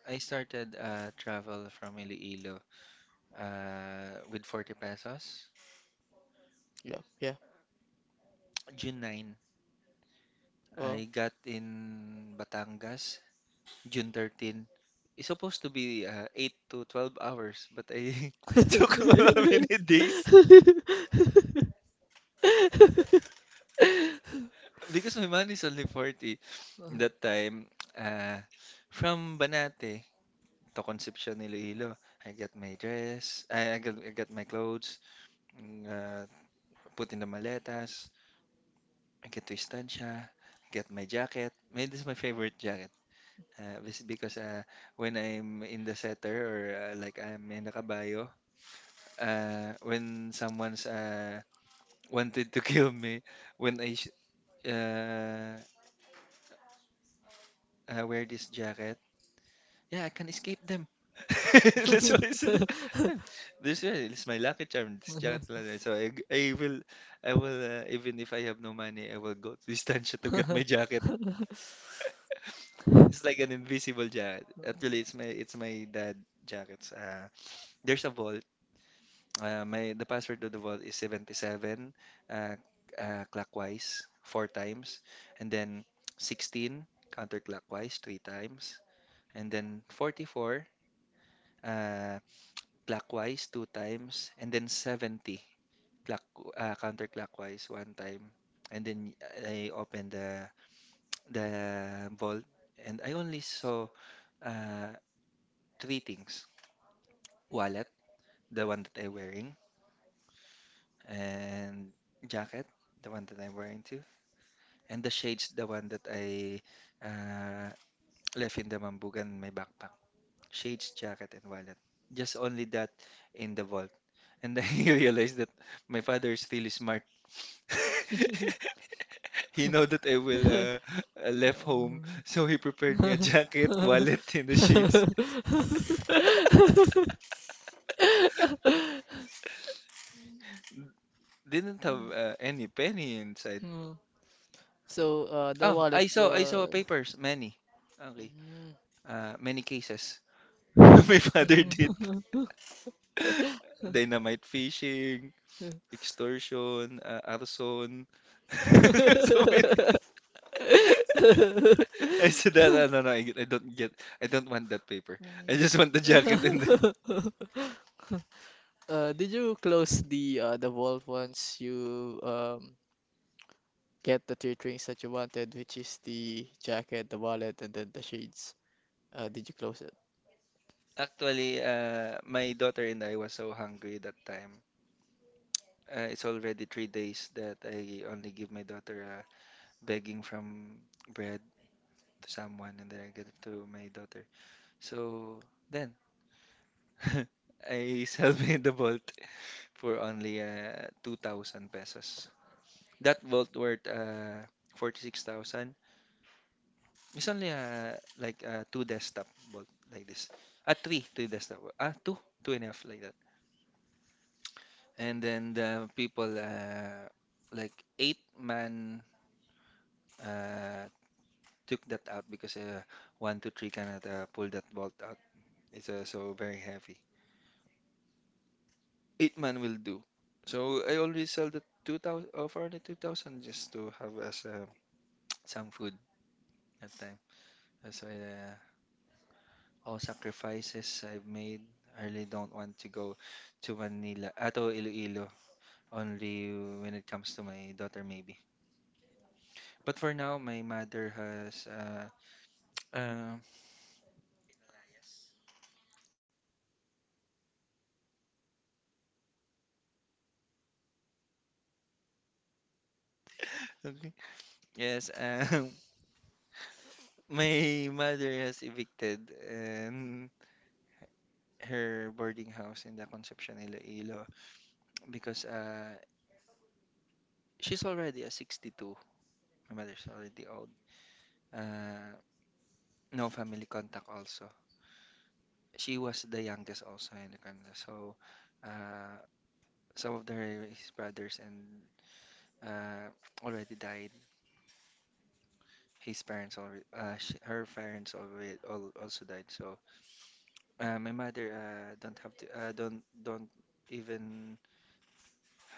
[SPEAKER 2] I started travel from Iloilo with 40 pesos.
[SPEAKER 1] Yeah, yeah.
[SPEAKER 2] June 9,
[SPEAKER 1] Well.
[SPEAKER 2] I got in Batangas. June 13, it's supposed to be 8 to 12 hours, but I [LAUGHS] took
[SPEAKER 1] Mm.
[SPEAKER 2] [LAUGHS] many days because my money is only 40. That time, uh, from Banate to Concepcion, Iloilo, I got my dress, I got my clothes, mm, uh, put in the maletas, I get to Estancia, get my jacket. May, this is my favorite jacket. Because when I'm in the setter or, like I'm in the caballo, when someone's wanted to [LAUGHS] kill me, when I uh, wear this jacket, yeah, I can escape them. [LAUGHS] That's why I said it, this one is my lucky charm. This jacket lang. So I will, even if I have no money, I will go to Estancia [LAUGHS] to get my jacket. It's like an invisible jacket. Actually, it's my dad jackets. There's a vault. My the password to the vault is 77, uh, clockwise 4 times, and then 16 counterclockwise 3 times, and then 44, uh, clockwise 2 times, and then 70, clock counterclockwise 1 time. And then I opened the vault, and I only saw, uh, three things: wallet, the one that I'm wearing, and jacket, the one that I'm wearing too, and the shades, the one that I, uh, left in the mambugan, my backpack. Shades, jacket, and wallet. Just only that in the vault. And I [LAUGHS] realized that my father is really smart. [LAUGHS] He know that I will, left home, so he prepared me a jacket, wallet, and the shades. [LAUGHS] Didn't have any penny inside.
[SPEAKER 1] So, the
[SPEAKER 2] Oh,
[SPEAKER 1] wallet
[SPEAKER 2] I saw
[SPEAKER 1] was.
[SPEAKER 2] papers, many. Okay. Many cases. [LAUGHS] My father did [LAUGHS] dynamite fishing, extortion, arson. [LAUGHS] So many.
[SPEAKER 1] Mhm. [LAUGHS]
[SPEAKER 2] I said that, no, no, I don't get. I don't
[SPEAKER 1] [LAUGHS]
[SPEAKER 2] want that paper. I just want the jacket and the. [LAUGHS]
[SPEAKER 1] Did you close the vault once you get the three things that you wanted, which is the jacket, the wallet, and then the shades? Did you close it?
[SPEAKER 2] Actually, my daughter and I was so hungry that time. It's already 3 days that I only give my daughter, begging from bread to someone, and then I get it to my daughter. So then [LAUGHS] I sell me the Bolt for only 2,000 pesos. That Bolt worth 46,000. It's only like two desktop bolt like this. Three desktop. Ah, two and a half like that. And then the people like 8 man uh took that out because one to three cannot pull that bolt out. It's so very heavy. Eight-man will do. So I always sell the 2,000, for the 2,000 just to have as, [TSK] some food that time. That's why all sacrifices I've made. I really don't want to go to Manila, to Iloilo, only when it comes to my daughter, maybe. But for now, my mother has, uh, okay. Yes, [LAUGHS] my mother has evicted and her boarding house in the Concepcion Iloilo because she's already a 62. My mother's already old. Uh, no family contact also. She was the youngest also in the Canada. So uh, some of their his brothers and uh, already died. His parents already, sh Her parents already all, also died. So my mother don't even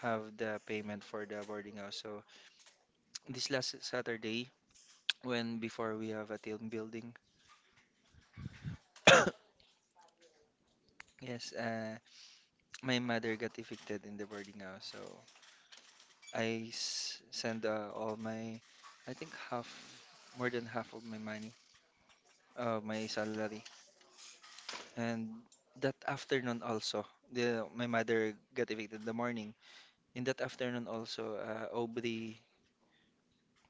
[SPEAKER 2] have the payment for the boarding house. So this last Saturday, when before we have a team building, [COUGHS] yes, my mother got evicted in the boarding house. So I send all my, I think half, more than half of my money, my salary. And that afternoon also, the my mother got evicted in the morning. In that afternoon also, Aubrey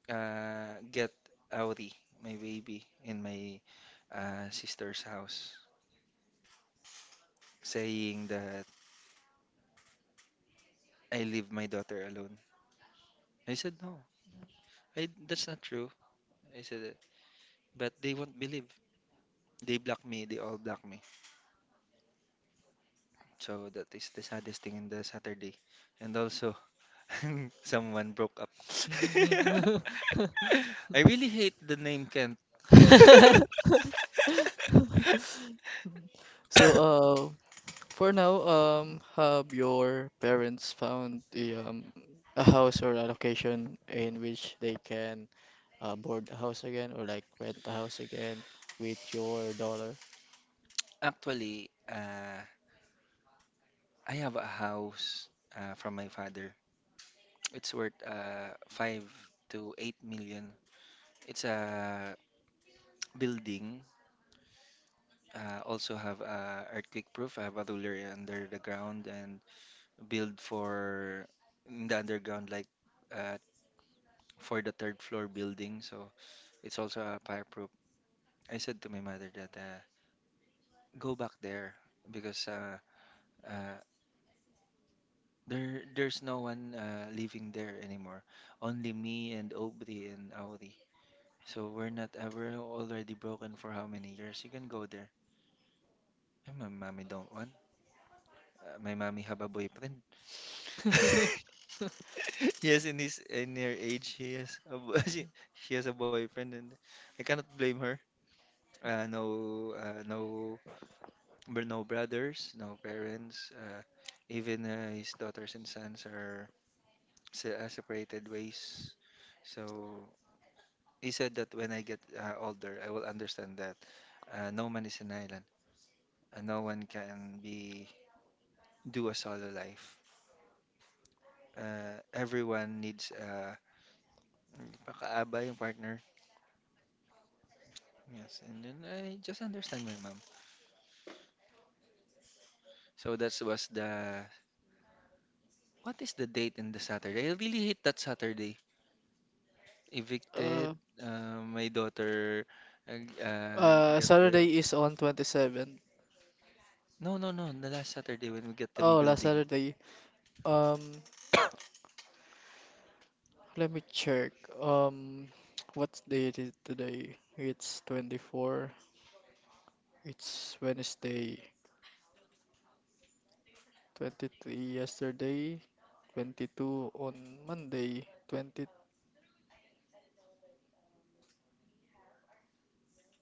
[SPEAKER 2] get Auri, my baby, in my sister's house, saying that I leave my daughter alone. I said no, I that's not true. I said that, but they won't believe. They block me. They all block me. So that is the saddest thing in the Saturday. And also, [LAUGHS] someone broke up. [LAUGHS] I really hate the name Kent. [LAUGHS]
[SPEAKER 1] [LAUGHS] So, for now, have your parents found the a house or a location in which they can board a house again or like rent a house again with your dollar?
[SPEAKER 2] Actually, I have a house from my father. It's worth 5 to 8 million. It's a building. Also have earthquake proof. I have a ruler under the ground and build for in the underground, like uh, for the third floor building. So it's also a fireproof. I said to my mother that go back there because uh, there's no one living there anymore. Only me and Aubrey and Auri. So we're not we're already broken for how many years? You can go there. And my mommy don't want. My mommy have a boyfriend. [LAUGHS]
[SPEAKER 1] [LAUGHS]
[SPEAKER 2] Yes, in her age, she has a [LAUGHS] she has a boyfriend, and I cannot blame her. No, but no brothers, no parents. Even his daughters and sons are separated ways. So he said that when I get older, I will understand that no man is an island. No one can be do a solo life. Everyone needs a pakaabay, yung partner. Yes, and then I just understand my mom. So that was the what is the date in the Saturday? I really hate that Saturday. Evicted.
[SPEAKER 1] Uh,
[SPEAKER 2] My daughter uh, uh, got well.
[SPEAKER 1] Saturday is on 27th.
[SPEAKER 2] No, no, no. The last Saturday when we get them
[SPEAKER 1] Oh, last
[SPEAKER 2] building.
[SPEAKER 1] Saturday. Um, let me check. [TSK] What date is today? It's 24. It's Wednesday. 23 yesterday. 22 on Monday. Twenty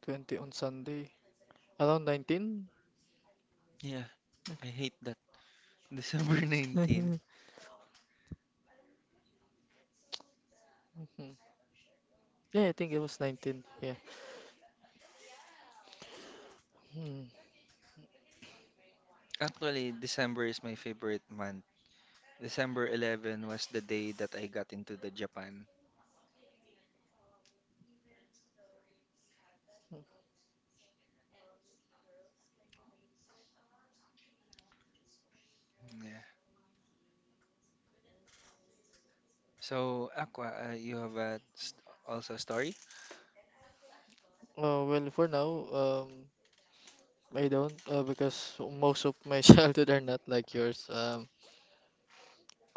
[SPEAKER 1] twenty on Sunday. Around 19?
[SPEAKER 2] Yeah, I hate that. [LAUGHS] December 19.
[SPEAKER 1] [LAUGHS] Mhm. Yeah, I think it was 19. Yeah. Hmm.
[SPEAKER 2] Actually, December is my favorite month. December 11 was the day that I got into the Japan. Yeah. So, Aqua, you have a st also a story?
[SPEAKER 1] Well, for now, I don't because most of my [LAUGHS] childhood are not like yours.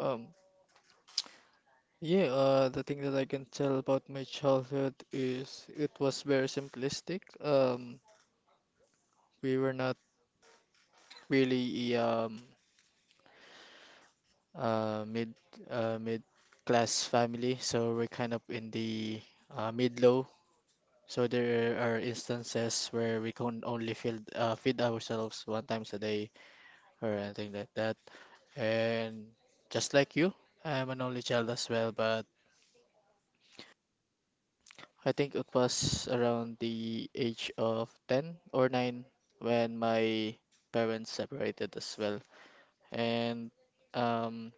[SPEAKER 1] um, yeah, the thing that I can tell about my childhood is it was very simplistic. We were not really mid mid class family, so we're kind of in the mid low. So there are instances where we can only feed ourselves one times a day or anything like that. And just like you, I am an only child as well, but I think it was around the age of 10 or 9 when my parents separated as well. And um,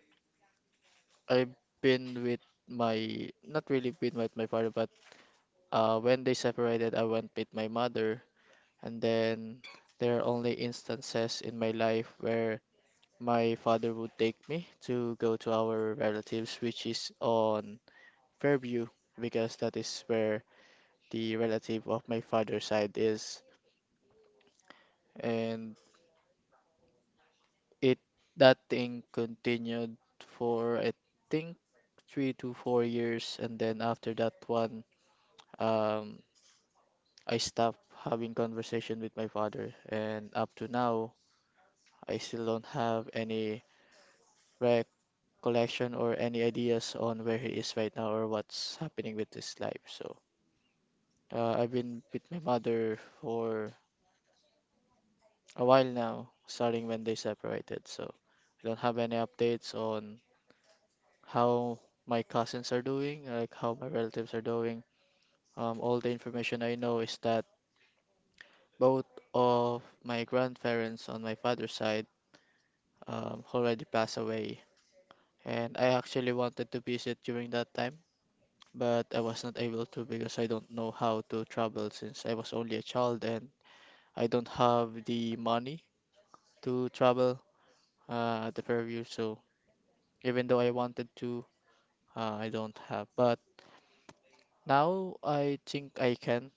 [SPEAKER 1] I've been with my, not really been with my father, but when they separated, I went with my mother. And then there are only instances in my life where my father would take me to go to our relatives, which is on Fairview, because that is where the relative of my father's side is. And it that thing continued for I think 3 to 4 years, and then after that one, um, I stopped having conversation with my father, and up to now, I still don't have any recollection or any ideas on where he is right now or what's happening with his life. So, I've been with my mother for a while now, starting when they separated. So I don't have any updates on how my cousins are doing, like how my relatives are doing. All the information I know is that both of my grandparents on my father's side already passed away. And I actually wanted to visit during that time, but I was not able to because I don't know how to travel since I was only a child and I don't have the money to travel at the Fairview. So even though I wanted to. I don't have, but now I think I can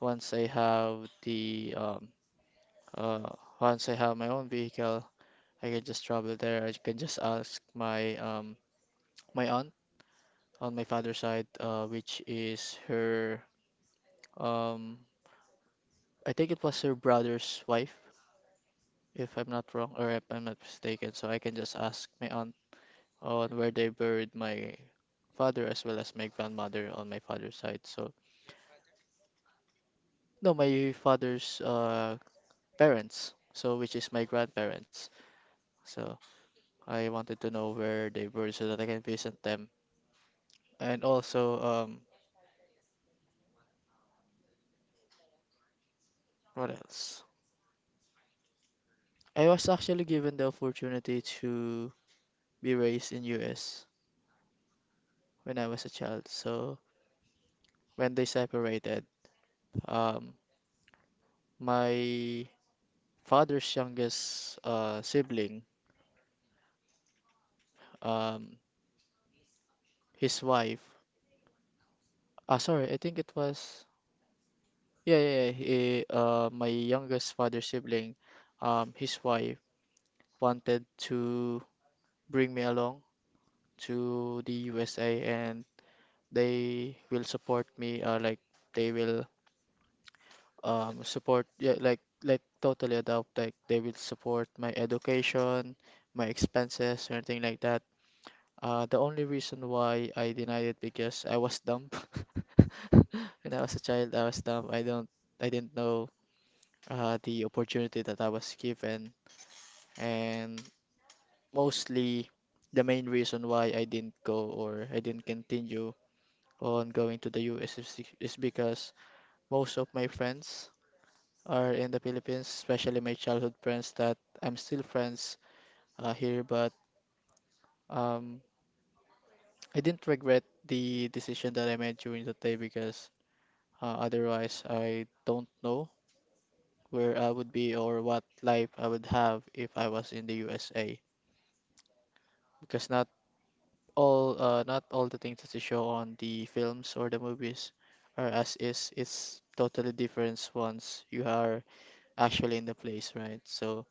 [SPEAKER 1] once I have the uh once I have my own vehicle, I can just travel there. I can just ask my my aunt on my father's side, which is her um I think it was her brother's wife, if I'm not wrong or if I'm not mistaken. So I can just ask my aunt on where they buried my father as well as my grandmother on my father's side. So no, my father's parents, so which is my grandparents. So I wanted to know where they were so that I can visit them. And also, what else? I was actually given the opportunity to be raised in US when I was a child. So when they separated, um, my father's youngest sibling, um, his wife, sorry, I think it was, yeah, yeah, yeah, he, my youngest father's sibling, his wife wanted to bring me along to the USA, and they will support me, or like they will support, yeah, like totally adopt, like they will support my education, my expenses, or anything like that. The only reason why I denied it because I was dumb. [LAUGHS] When I was a child, I was dumb. I didn't know the opportunity that I was given, and mostly the main reason why I didn't go or I didn't continue on going to the US is is because most of my friends are in the Philippines, especially my childhood friends that I'm still friends here, but um, I didn't regret the decision that I made during that day because otherwise I don't know where I would be or what life I would have if I was in the USA. Because now all not all the things that they show on the films or the movies are as is. It's totally different once you are actually in the place, right? So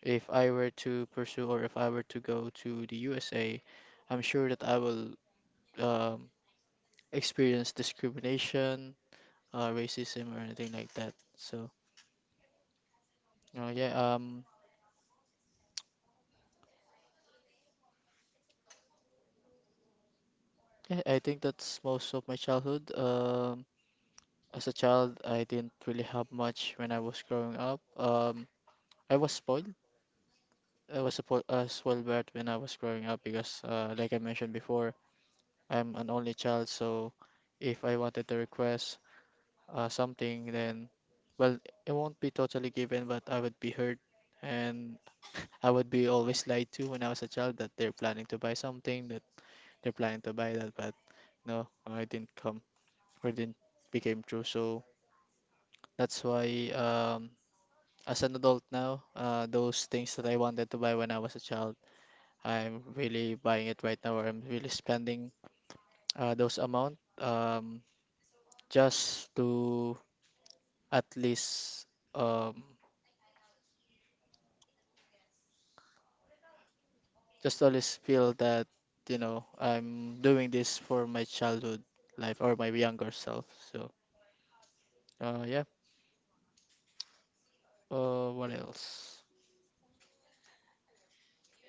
[SPEAKER 1] if I were to pursue or if I were to go to the USA, I'm sure that I will um, experience discrimination, racism, or anything like that. So yeah, yeah, I think that's most of my childhood. As a child, I didn't really have much when I was growing up. I was spoiled, I was suppo- as well bad when I was growing up because, like I mentioned before, I'm an only child. So if I wanted to request something, then well, it won't be totally given, but I would be hurt, and [LAUGHS] I would be always lied to when I was a child that they're planning to buy something, that they're planning to buy that, but no, it didn't come or it didn't became true. So that's why as an adult now, those things that I wanted to buy when I was a child. I'm really buying it right now, or I'm really spending those amount just to at least um, feel that I'm doing this for my childhood life or my younger self. So yeah. What else?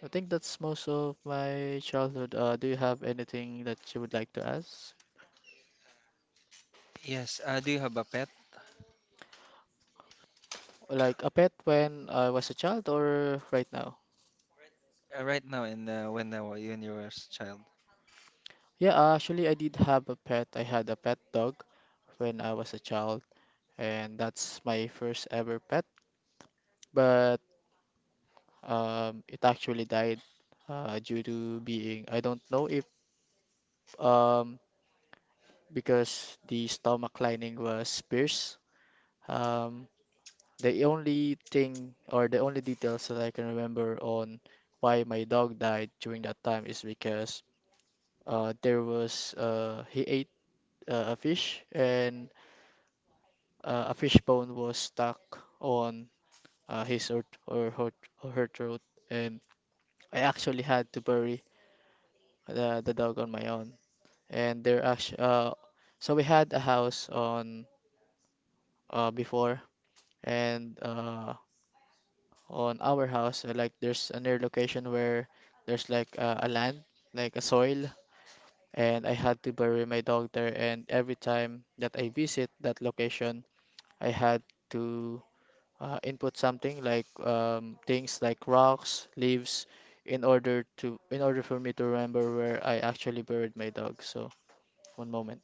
[SPEAKER 1] I think that's most of my childhood. Do you have anything that you would like to ask?
[SPEAKER 2] Yes. Do you have a pet
[SPEAKER 1] Like a pet when I was a child or right now?
[SPEAKER 2] right now and when you were a child?
[SPEAKER 1] Yeah, actually, I did have a pet. I had a pet dog when I was a child, and that's my first ever pet. But it actually died due to being, I don't know if um, because the stomach lining was pierced. Um, the only thing or the only details that I can remember on why my dog died during that time is because there was he ate a fish, and a fish bone was stuck on his or her throat, and I actually had to bury the dog on my own. And so we had a house on before, and on our house, like there's a near location where there's like a land, like a soil, and I had to bury my dog there. And every time that I visit that location, I had to input something like things like rocks, leaves, in order for me to remember where I actually buried my dog. So one moment.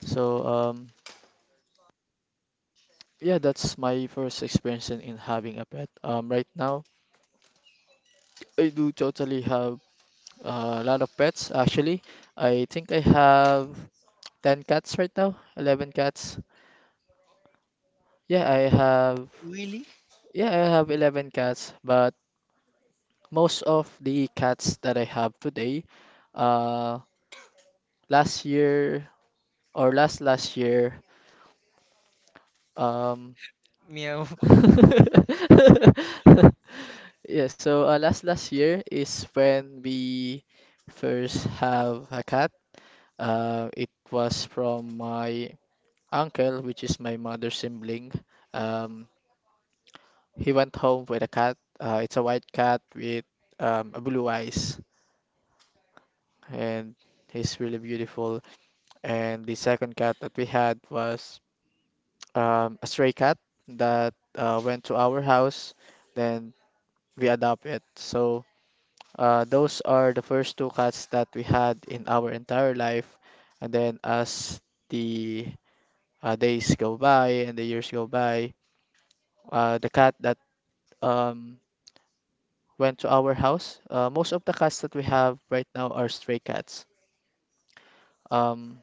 [SPEAKER 1] So yeah, that's my first experience in having a pet. Right now, I do totally have a lot of pets actually. I think I have 10 cats right now, 11 cats. Yeah, I have
[SPEAKER 2] Really?
[SPEAKER 1] yeah, I have 11 cats, but most of the cats that I have today uh, last year or last last year, um,
[SPEAKER 2] Meow. [LAUGHS]
[SPEAKER 1] [LAUGHS] yeah, so last last year is when we first have a cat. It was from my uncle, which is my mother's sibling. Um, he went home with a cat. It's a white cat with a blue eyes, and he's really beautiful. And the second cat that we had was a stray cat that went to our house, then we adopt it. So those are the first two cats that we had in our entire life. And then as the days go by and the years go by, the cat that um, went to our house, most of the cats that we have right now are stray cats. Um,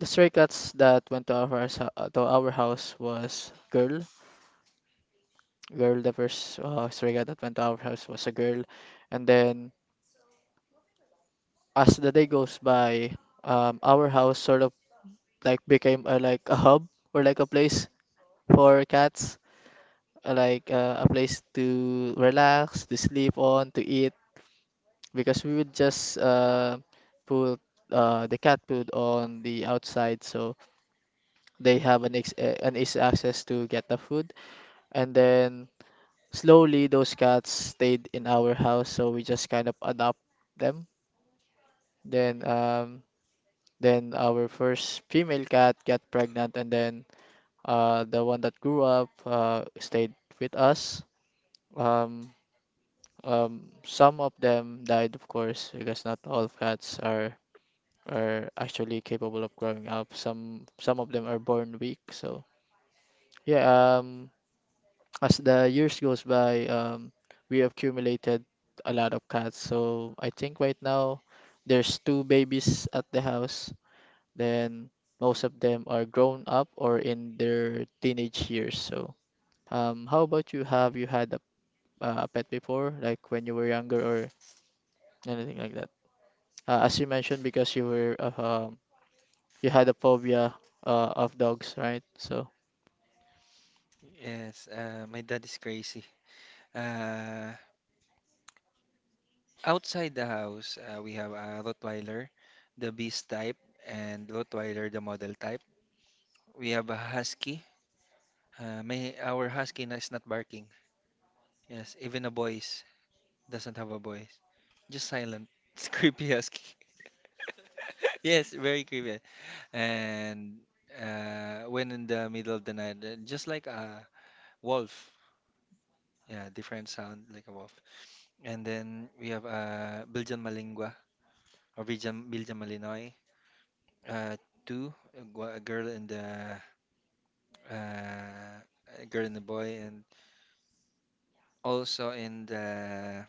[SPEAKER 1] the stray cats that went to our house, was girl, the first stray cat that went to our house was a girl. And then as the day goes by, our house sort of like became like a hub or like a place for cats, like a place to relax, to sleep on, to eat, because we would just put the cat food on the outside so they have an easy access to get the food. And then slowly those cats stayed in our house, so we just kind of adopt them. Then um then our first female cat got pregnant, and then the one that grew up stayed with us. Um some of them died, of course, because not all cats are actually capable of growing up. Some of them are born weak. So yeah, as the years goes by, we accumulated a lot of cats. So I think right now there's two babies at the house. Then most of them are grown up or in their teenage years. So, how about you? Have you had a pet before, like when you were younger or anything like that? As you mentioned, because you were um, you had a phobia of dogs, right? So,
[SPEAKER 2] Yes. My dad is crazy. Uh, outside the house, we have a Rottweiler, the beast type, and Rottweiler, the model type. We have a husky. May our husky is not barking. Yes, even a voice doesn't have a voice. Just silent. [LAUGHS] It's creepy husky. [LAUGHS] Yes, very creepy. And when in the middle of the night, just like a wolf. Yeah, different sound like a wolf. And then we have a Belgian Malingua or Belgian Malinois. Uh, Two, a a girl and uh, a girl and a boy, and also in the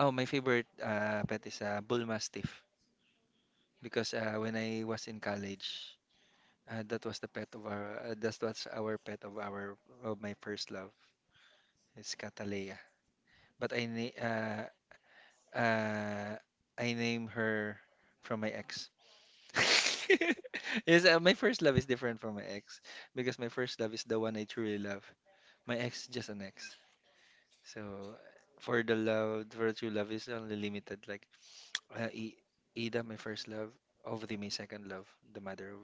[SPEAKER 2] oh, my favorite pet is a bull mastiff because when I was in college, that was the pet of our that was our pet of our of my first love. It's Catalea, but uh, I name her from my ex. [LAUGHS] Yes, my first love is different from my ex because my first love is the one I truly love. My ex is just an ex. So for true love is only limited. Like uh, I- Ida, my first love. Ovati, my second love. The mother of,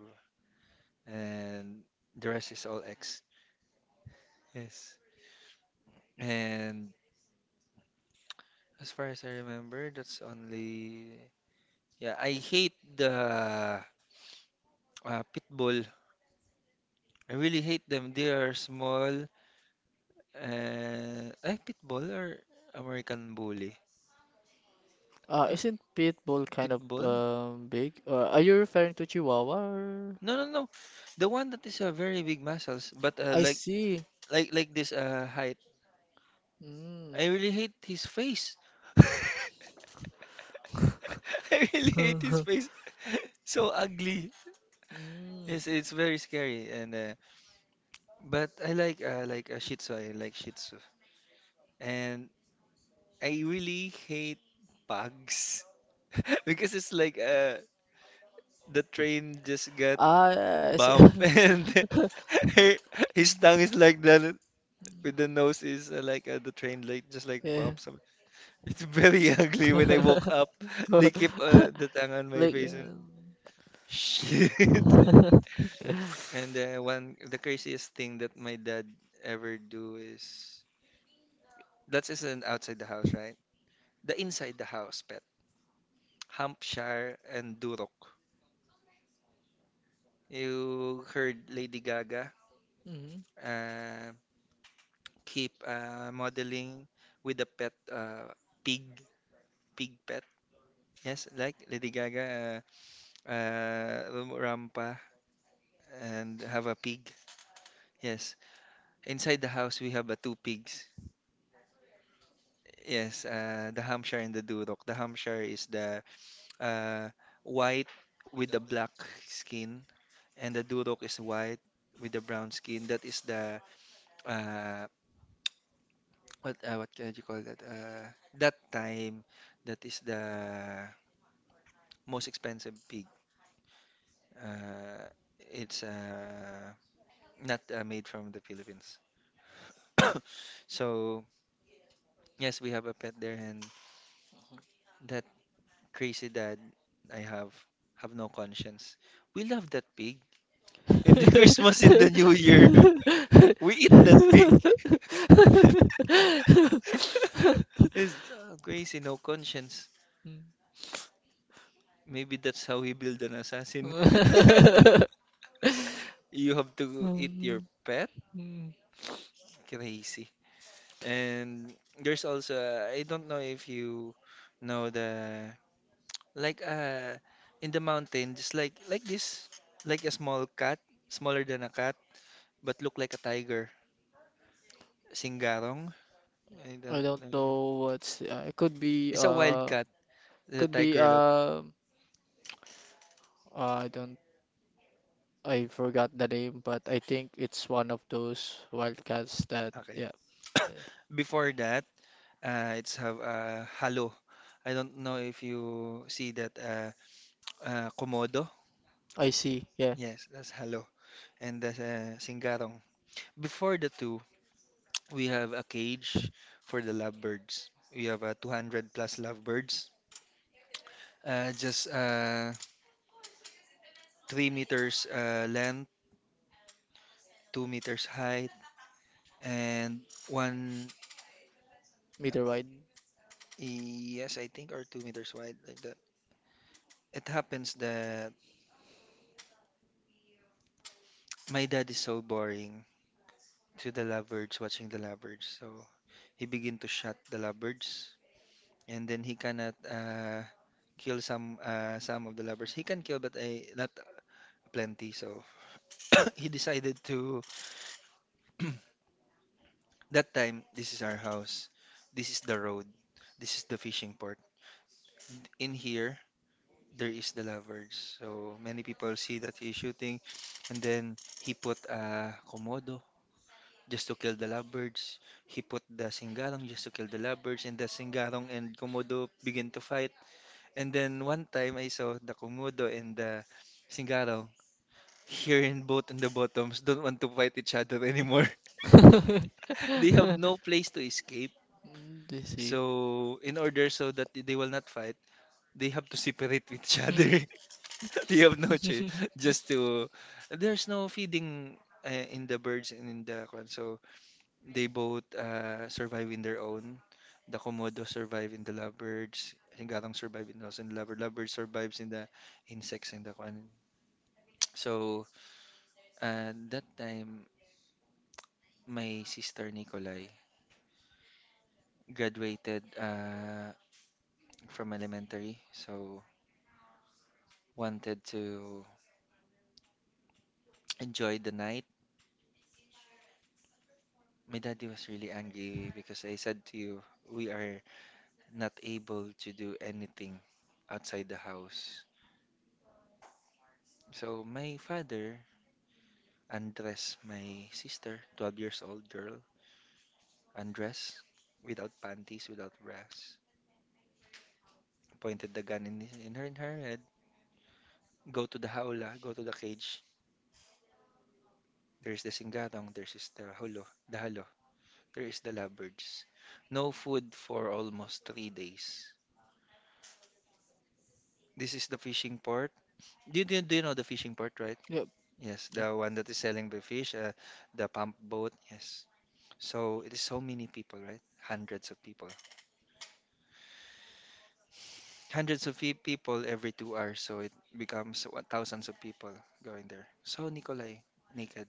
[SPEAKER 2] and the rest is all ex. Yes. And as far as I remember, that's only. Yeah, I hate the pit bull. I really hate them. They are small. And ay, pit bull or American bully? Uh,
[SPEAKER 1] isn't pit bull
[SPEAKER 2] Pit
[SPEAKER 1] kind of
[SPEAKER 2] bull.
[SPEAKER 1] big? Are you referring to Chihuahua or?
[SPEAKER 2] No, no, no. The one that is very big muscles, but
[SPEAKER 1] I
[SPEAKER 2] like
[SPEAKER 1] see.
[SPEAKER 2] like this height.
[SPEAKER 1] Mm.
[SPEAKER 2] I really hate his face. [LAUGHS] I really hate his
[SPEAKER 1] [LAUGHS]
[SPEAKER 2] face. [LAUGHS] So ugly.
[SPEAKER 1] Mm.
[SPEAKER 2] Yes, it's very scary. And but I like a Shih Tzu. I like Shih Tzu. And I really hate pugs [LAUGHS] because it's like the train just got
[SPEAKER 1] Ah, yeah, I see. [LAUGHS]
[SPEAKER 2] bumped [LAUGHS] and [LAUGHS] his tongue is like that With the nose is like the train like just like
[SPEAKER 1] Yeah.
[SPEAKER 2] bumps up. It's very [LAUGHS] ugly when I woke up.
[SPEAKER 1] [LAUGHS]
[SPEAKER 2] They keep the tongue on my
[SPEAKER 1] Like,
[SPEAKER 2] face and
[SPEAKER 1] yeah.
[SPEAKER 2] shit. [LAUGHS]
[SPEAKER 1] [LAUGHS]
[SPEAKER 2] And one the craziest thing that my dad ever do is that's is an outside the house, right? The inside the house pet. Hampshire and Durok. You heard Lady Gaga
[SPEAKER 1] Mhm.
[SPEAKER 2] uh, keep modeling with the pet pig pig pet. Yes, like Lady Gaga rampa, and have a pig. Yes. Inside the house, we have two pigs. Yes, the Hampshire and the Duroc. The Hampshire is the uh, white with the black skin, and the Duroc is white with the brown skin. That is the uh, what can you call that? That time, that is the most expensive pig. Uh, it's not made from the Philippines. So yes, we have a pet there, and that crazy dad I have no conscience. We love that pig. In the [LAUGHS] Christmas, in the New Year, [LAUGHS] we eat that pig. [LAUGHS] It's crazy, no conscience. Maybe that's how he build an assassin. [LAUGHS] You have to eat your
[SPEAKER 1] Mm.
[SPEAKER 2] pet.
[SPEAKER 1] [LAUGHS] Mm.
[SPEAKER 2] Crazy. And there's also I don't know if you know the like uh in the mountain, just like this, like a small cat, smaller than a cat. But look like a tiger. Singarong? I
[SPEAKER 1] I
[SPEAKER 2] don't
[SPEAKER 1] don't
[SPEAKER 2] know.
[SPEAKER 1] know what's, it could be.
[SPEAKER 2] It's a wild
[SPEAKER 1] uh
[SPEAKER 2] cat. The
[SPEAKER 1] Could be.
[SPEAKER 2] tiger look.
[SPEAKER 1] I don't I forgot the name, but I think it's one of those wildcats, that,
[SPEAKER 2] Okay.
[SPEAKER 1] yeah.
[SPEAKER 2] [COUGHS] Before that, it's have halo. I don't know if you see that komodo.
[SPEAKER 1] I see, yeah.
[SPEAKER 2] Yes, that's halo. And that's singarong. Before the two, we have a cage for the lovebirds. We have 200 plus lovebirds. Just 3 meters length, 2 meters height, and 1.
[SPEAKER 1] Meter wide.
[SPEAKER 2] Yes, I think, or 2 meters wide like that. It happens that my dad is so boring to the lovebirds watching the lovebirds. So he begin to shot the lovebirds, and then he cannot kill some of the lovebirds. He can kill but I, not plenty. So [COUGHS] [CLEARS THROAT] he decided to [COUGHS] [CLEARS THROAT] that time this is our house. This is the road. This is the fishing port. In here there is the lovers. So many people see that he's shooting, and then he put a komodo just to kill the lovebirds. He put the singarong just to kill the lovebirds, and the singarong and komodo begin to fight. And then one time I saw the komodo and the singarong here in both in the bottoms don't want to fight each other anymore. [LAUGHS]
[SPEAKER 1] [LAUGHS]
[SPEAKER 2] They have no place to escape.
[SPEAKER 1] Mm, they see.
[SPEAKER 2] So in order so that they will not fight, they have to separate [LAUGHS] with each other. [LAUGHS] [LAUGHS] You have no choice
[SPEAKER 1] [LAUGHS]
[SPEAKER 2] just to. There's no feeding in the birds and in the kwan. So they both survive in their own. The komodo survive in the lovebirds. Hingalong survive in also in the lovebird. Lovebird survives in the insects and the kwan. So that time, my sister Nicolai graduated from elementary. So wanted to enjoy the night. My daddy was really angry because I said to you, we are not able to do anything outside the house. So my father undressed my sister, 12 years old girl, undressed without panties, without bras, pointed the gun in her head. Go to the haula, go to the cage. There's the singatong, there's is the holo, the halo, there is the lovebirds. No food for almost 3 days. This is the fishing port. Do you know the fishing port, right?
[SPEAKER 1] Yep.
[SPEAKER 2] Yes,
[SPEAKER 1] Yeah.
[SPEAKER 2] the one that is selling the fish, the pump boat. Yes. So it is so many people, right? Hundreds of people. Hundreds of people every 2 hours, so it becomes what, thousands of people going there. So Nikolai naked.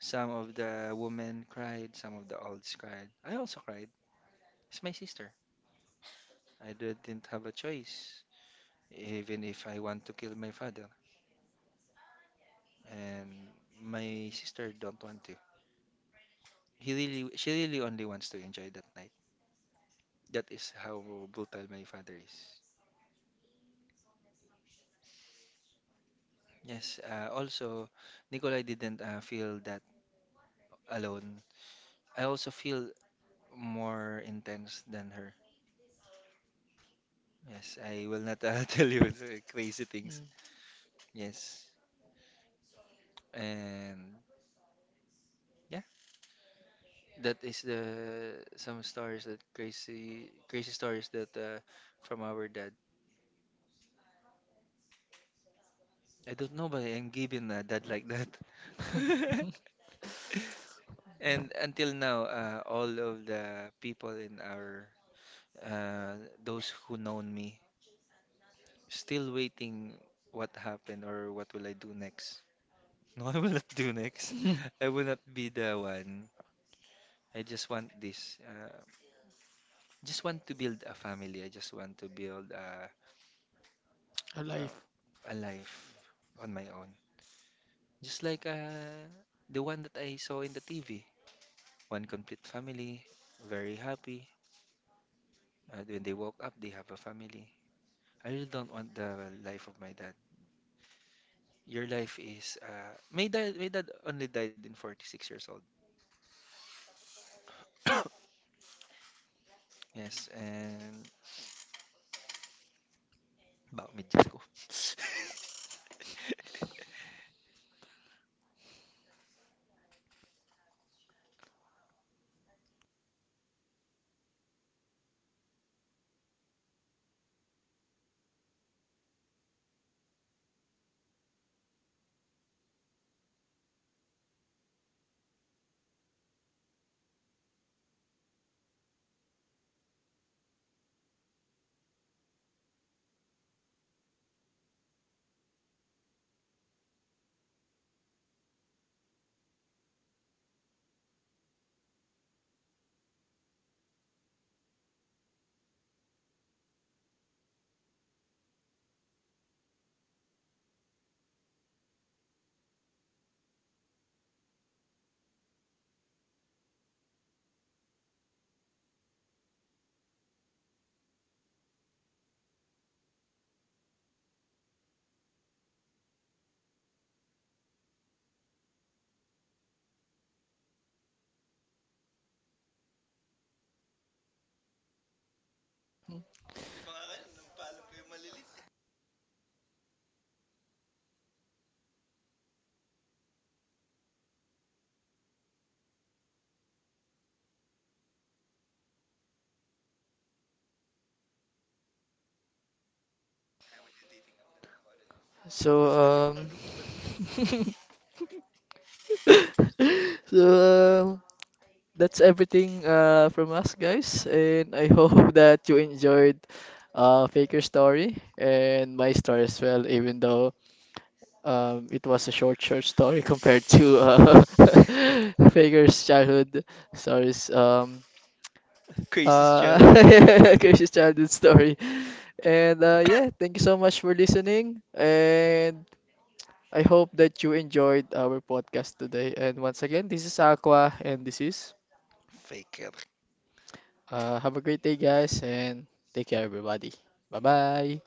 [SPEAKER 2] Some of the women cried, some of the olds cried. I also cried. It's my sister. I didn't have a choice, even if I want to kill my father, and my sister don't want to. He really, she really only wants to enjoy that night. That is how brutal my father is. Yes, also, Nicola didn't feel that alone. I also feel more intense than her. Yes, I will not [LAUGHS] tell you the crazy things.
[SPEAKER 1] Mm.
[SPEAKER 2] Yes, and yeah, that is the some stories that crazy stories that from our dad. I don't know, but I'm given a dad like that. [LAUGHS] And until now, all of the people in our those who known me still waiting what happened or what will I do next. [LAUGHS] No, I will not do next. I will not be the one. I just want this. Just want to build a family. I just want to build a,
[SPEAKER 1] [LAUGHS] Alive.
[SPEAKER 2] a, a life on my own. Just like the one that I saw in the TV. One complete family, very happy. When they woke up, they have a family. I really don't want the life of my dad. Your life is. My dad, my dad only died in 46 years old. Yes, and about me, just go.
[SPEAKER 1] So, [LAUGHS] so um that's everything from us, guys. And I hope [LAUGHS] that you enjoyed Faker's story and my story as well, even though it was a short, short story [LAUGHS] compared to [LAUGHS] Faker's childhood stories.
[SPEAKER 2] [LAUGHS] Craziest
[SPEAKER 1] Uh,
[SPEAKER 2] childhood.
[SPEAKER 1] [LAUGHS] Crazy's childhood story. And yeah, thank you so much for listening. And I hope that you enjoyed our podcast today. And once again, this is Aqua, and this is.
[SPEAKER 2] Fake it
[SPEAKER 1] Have a great day, guys, and take care, everybody. Bye bye.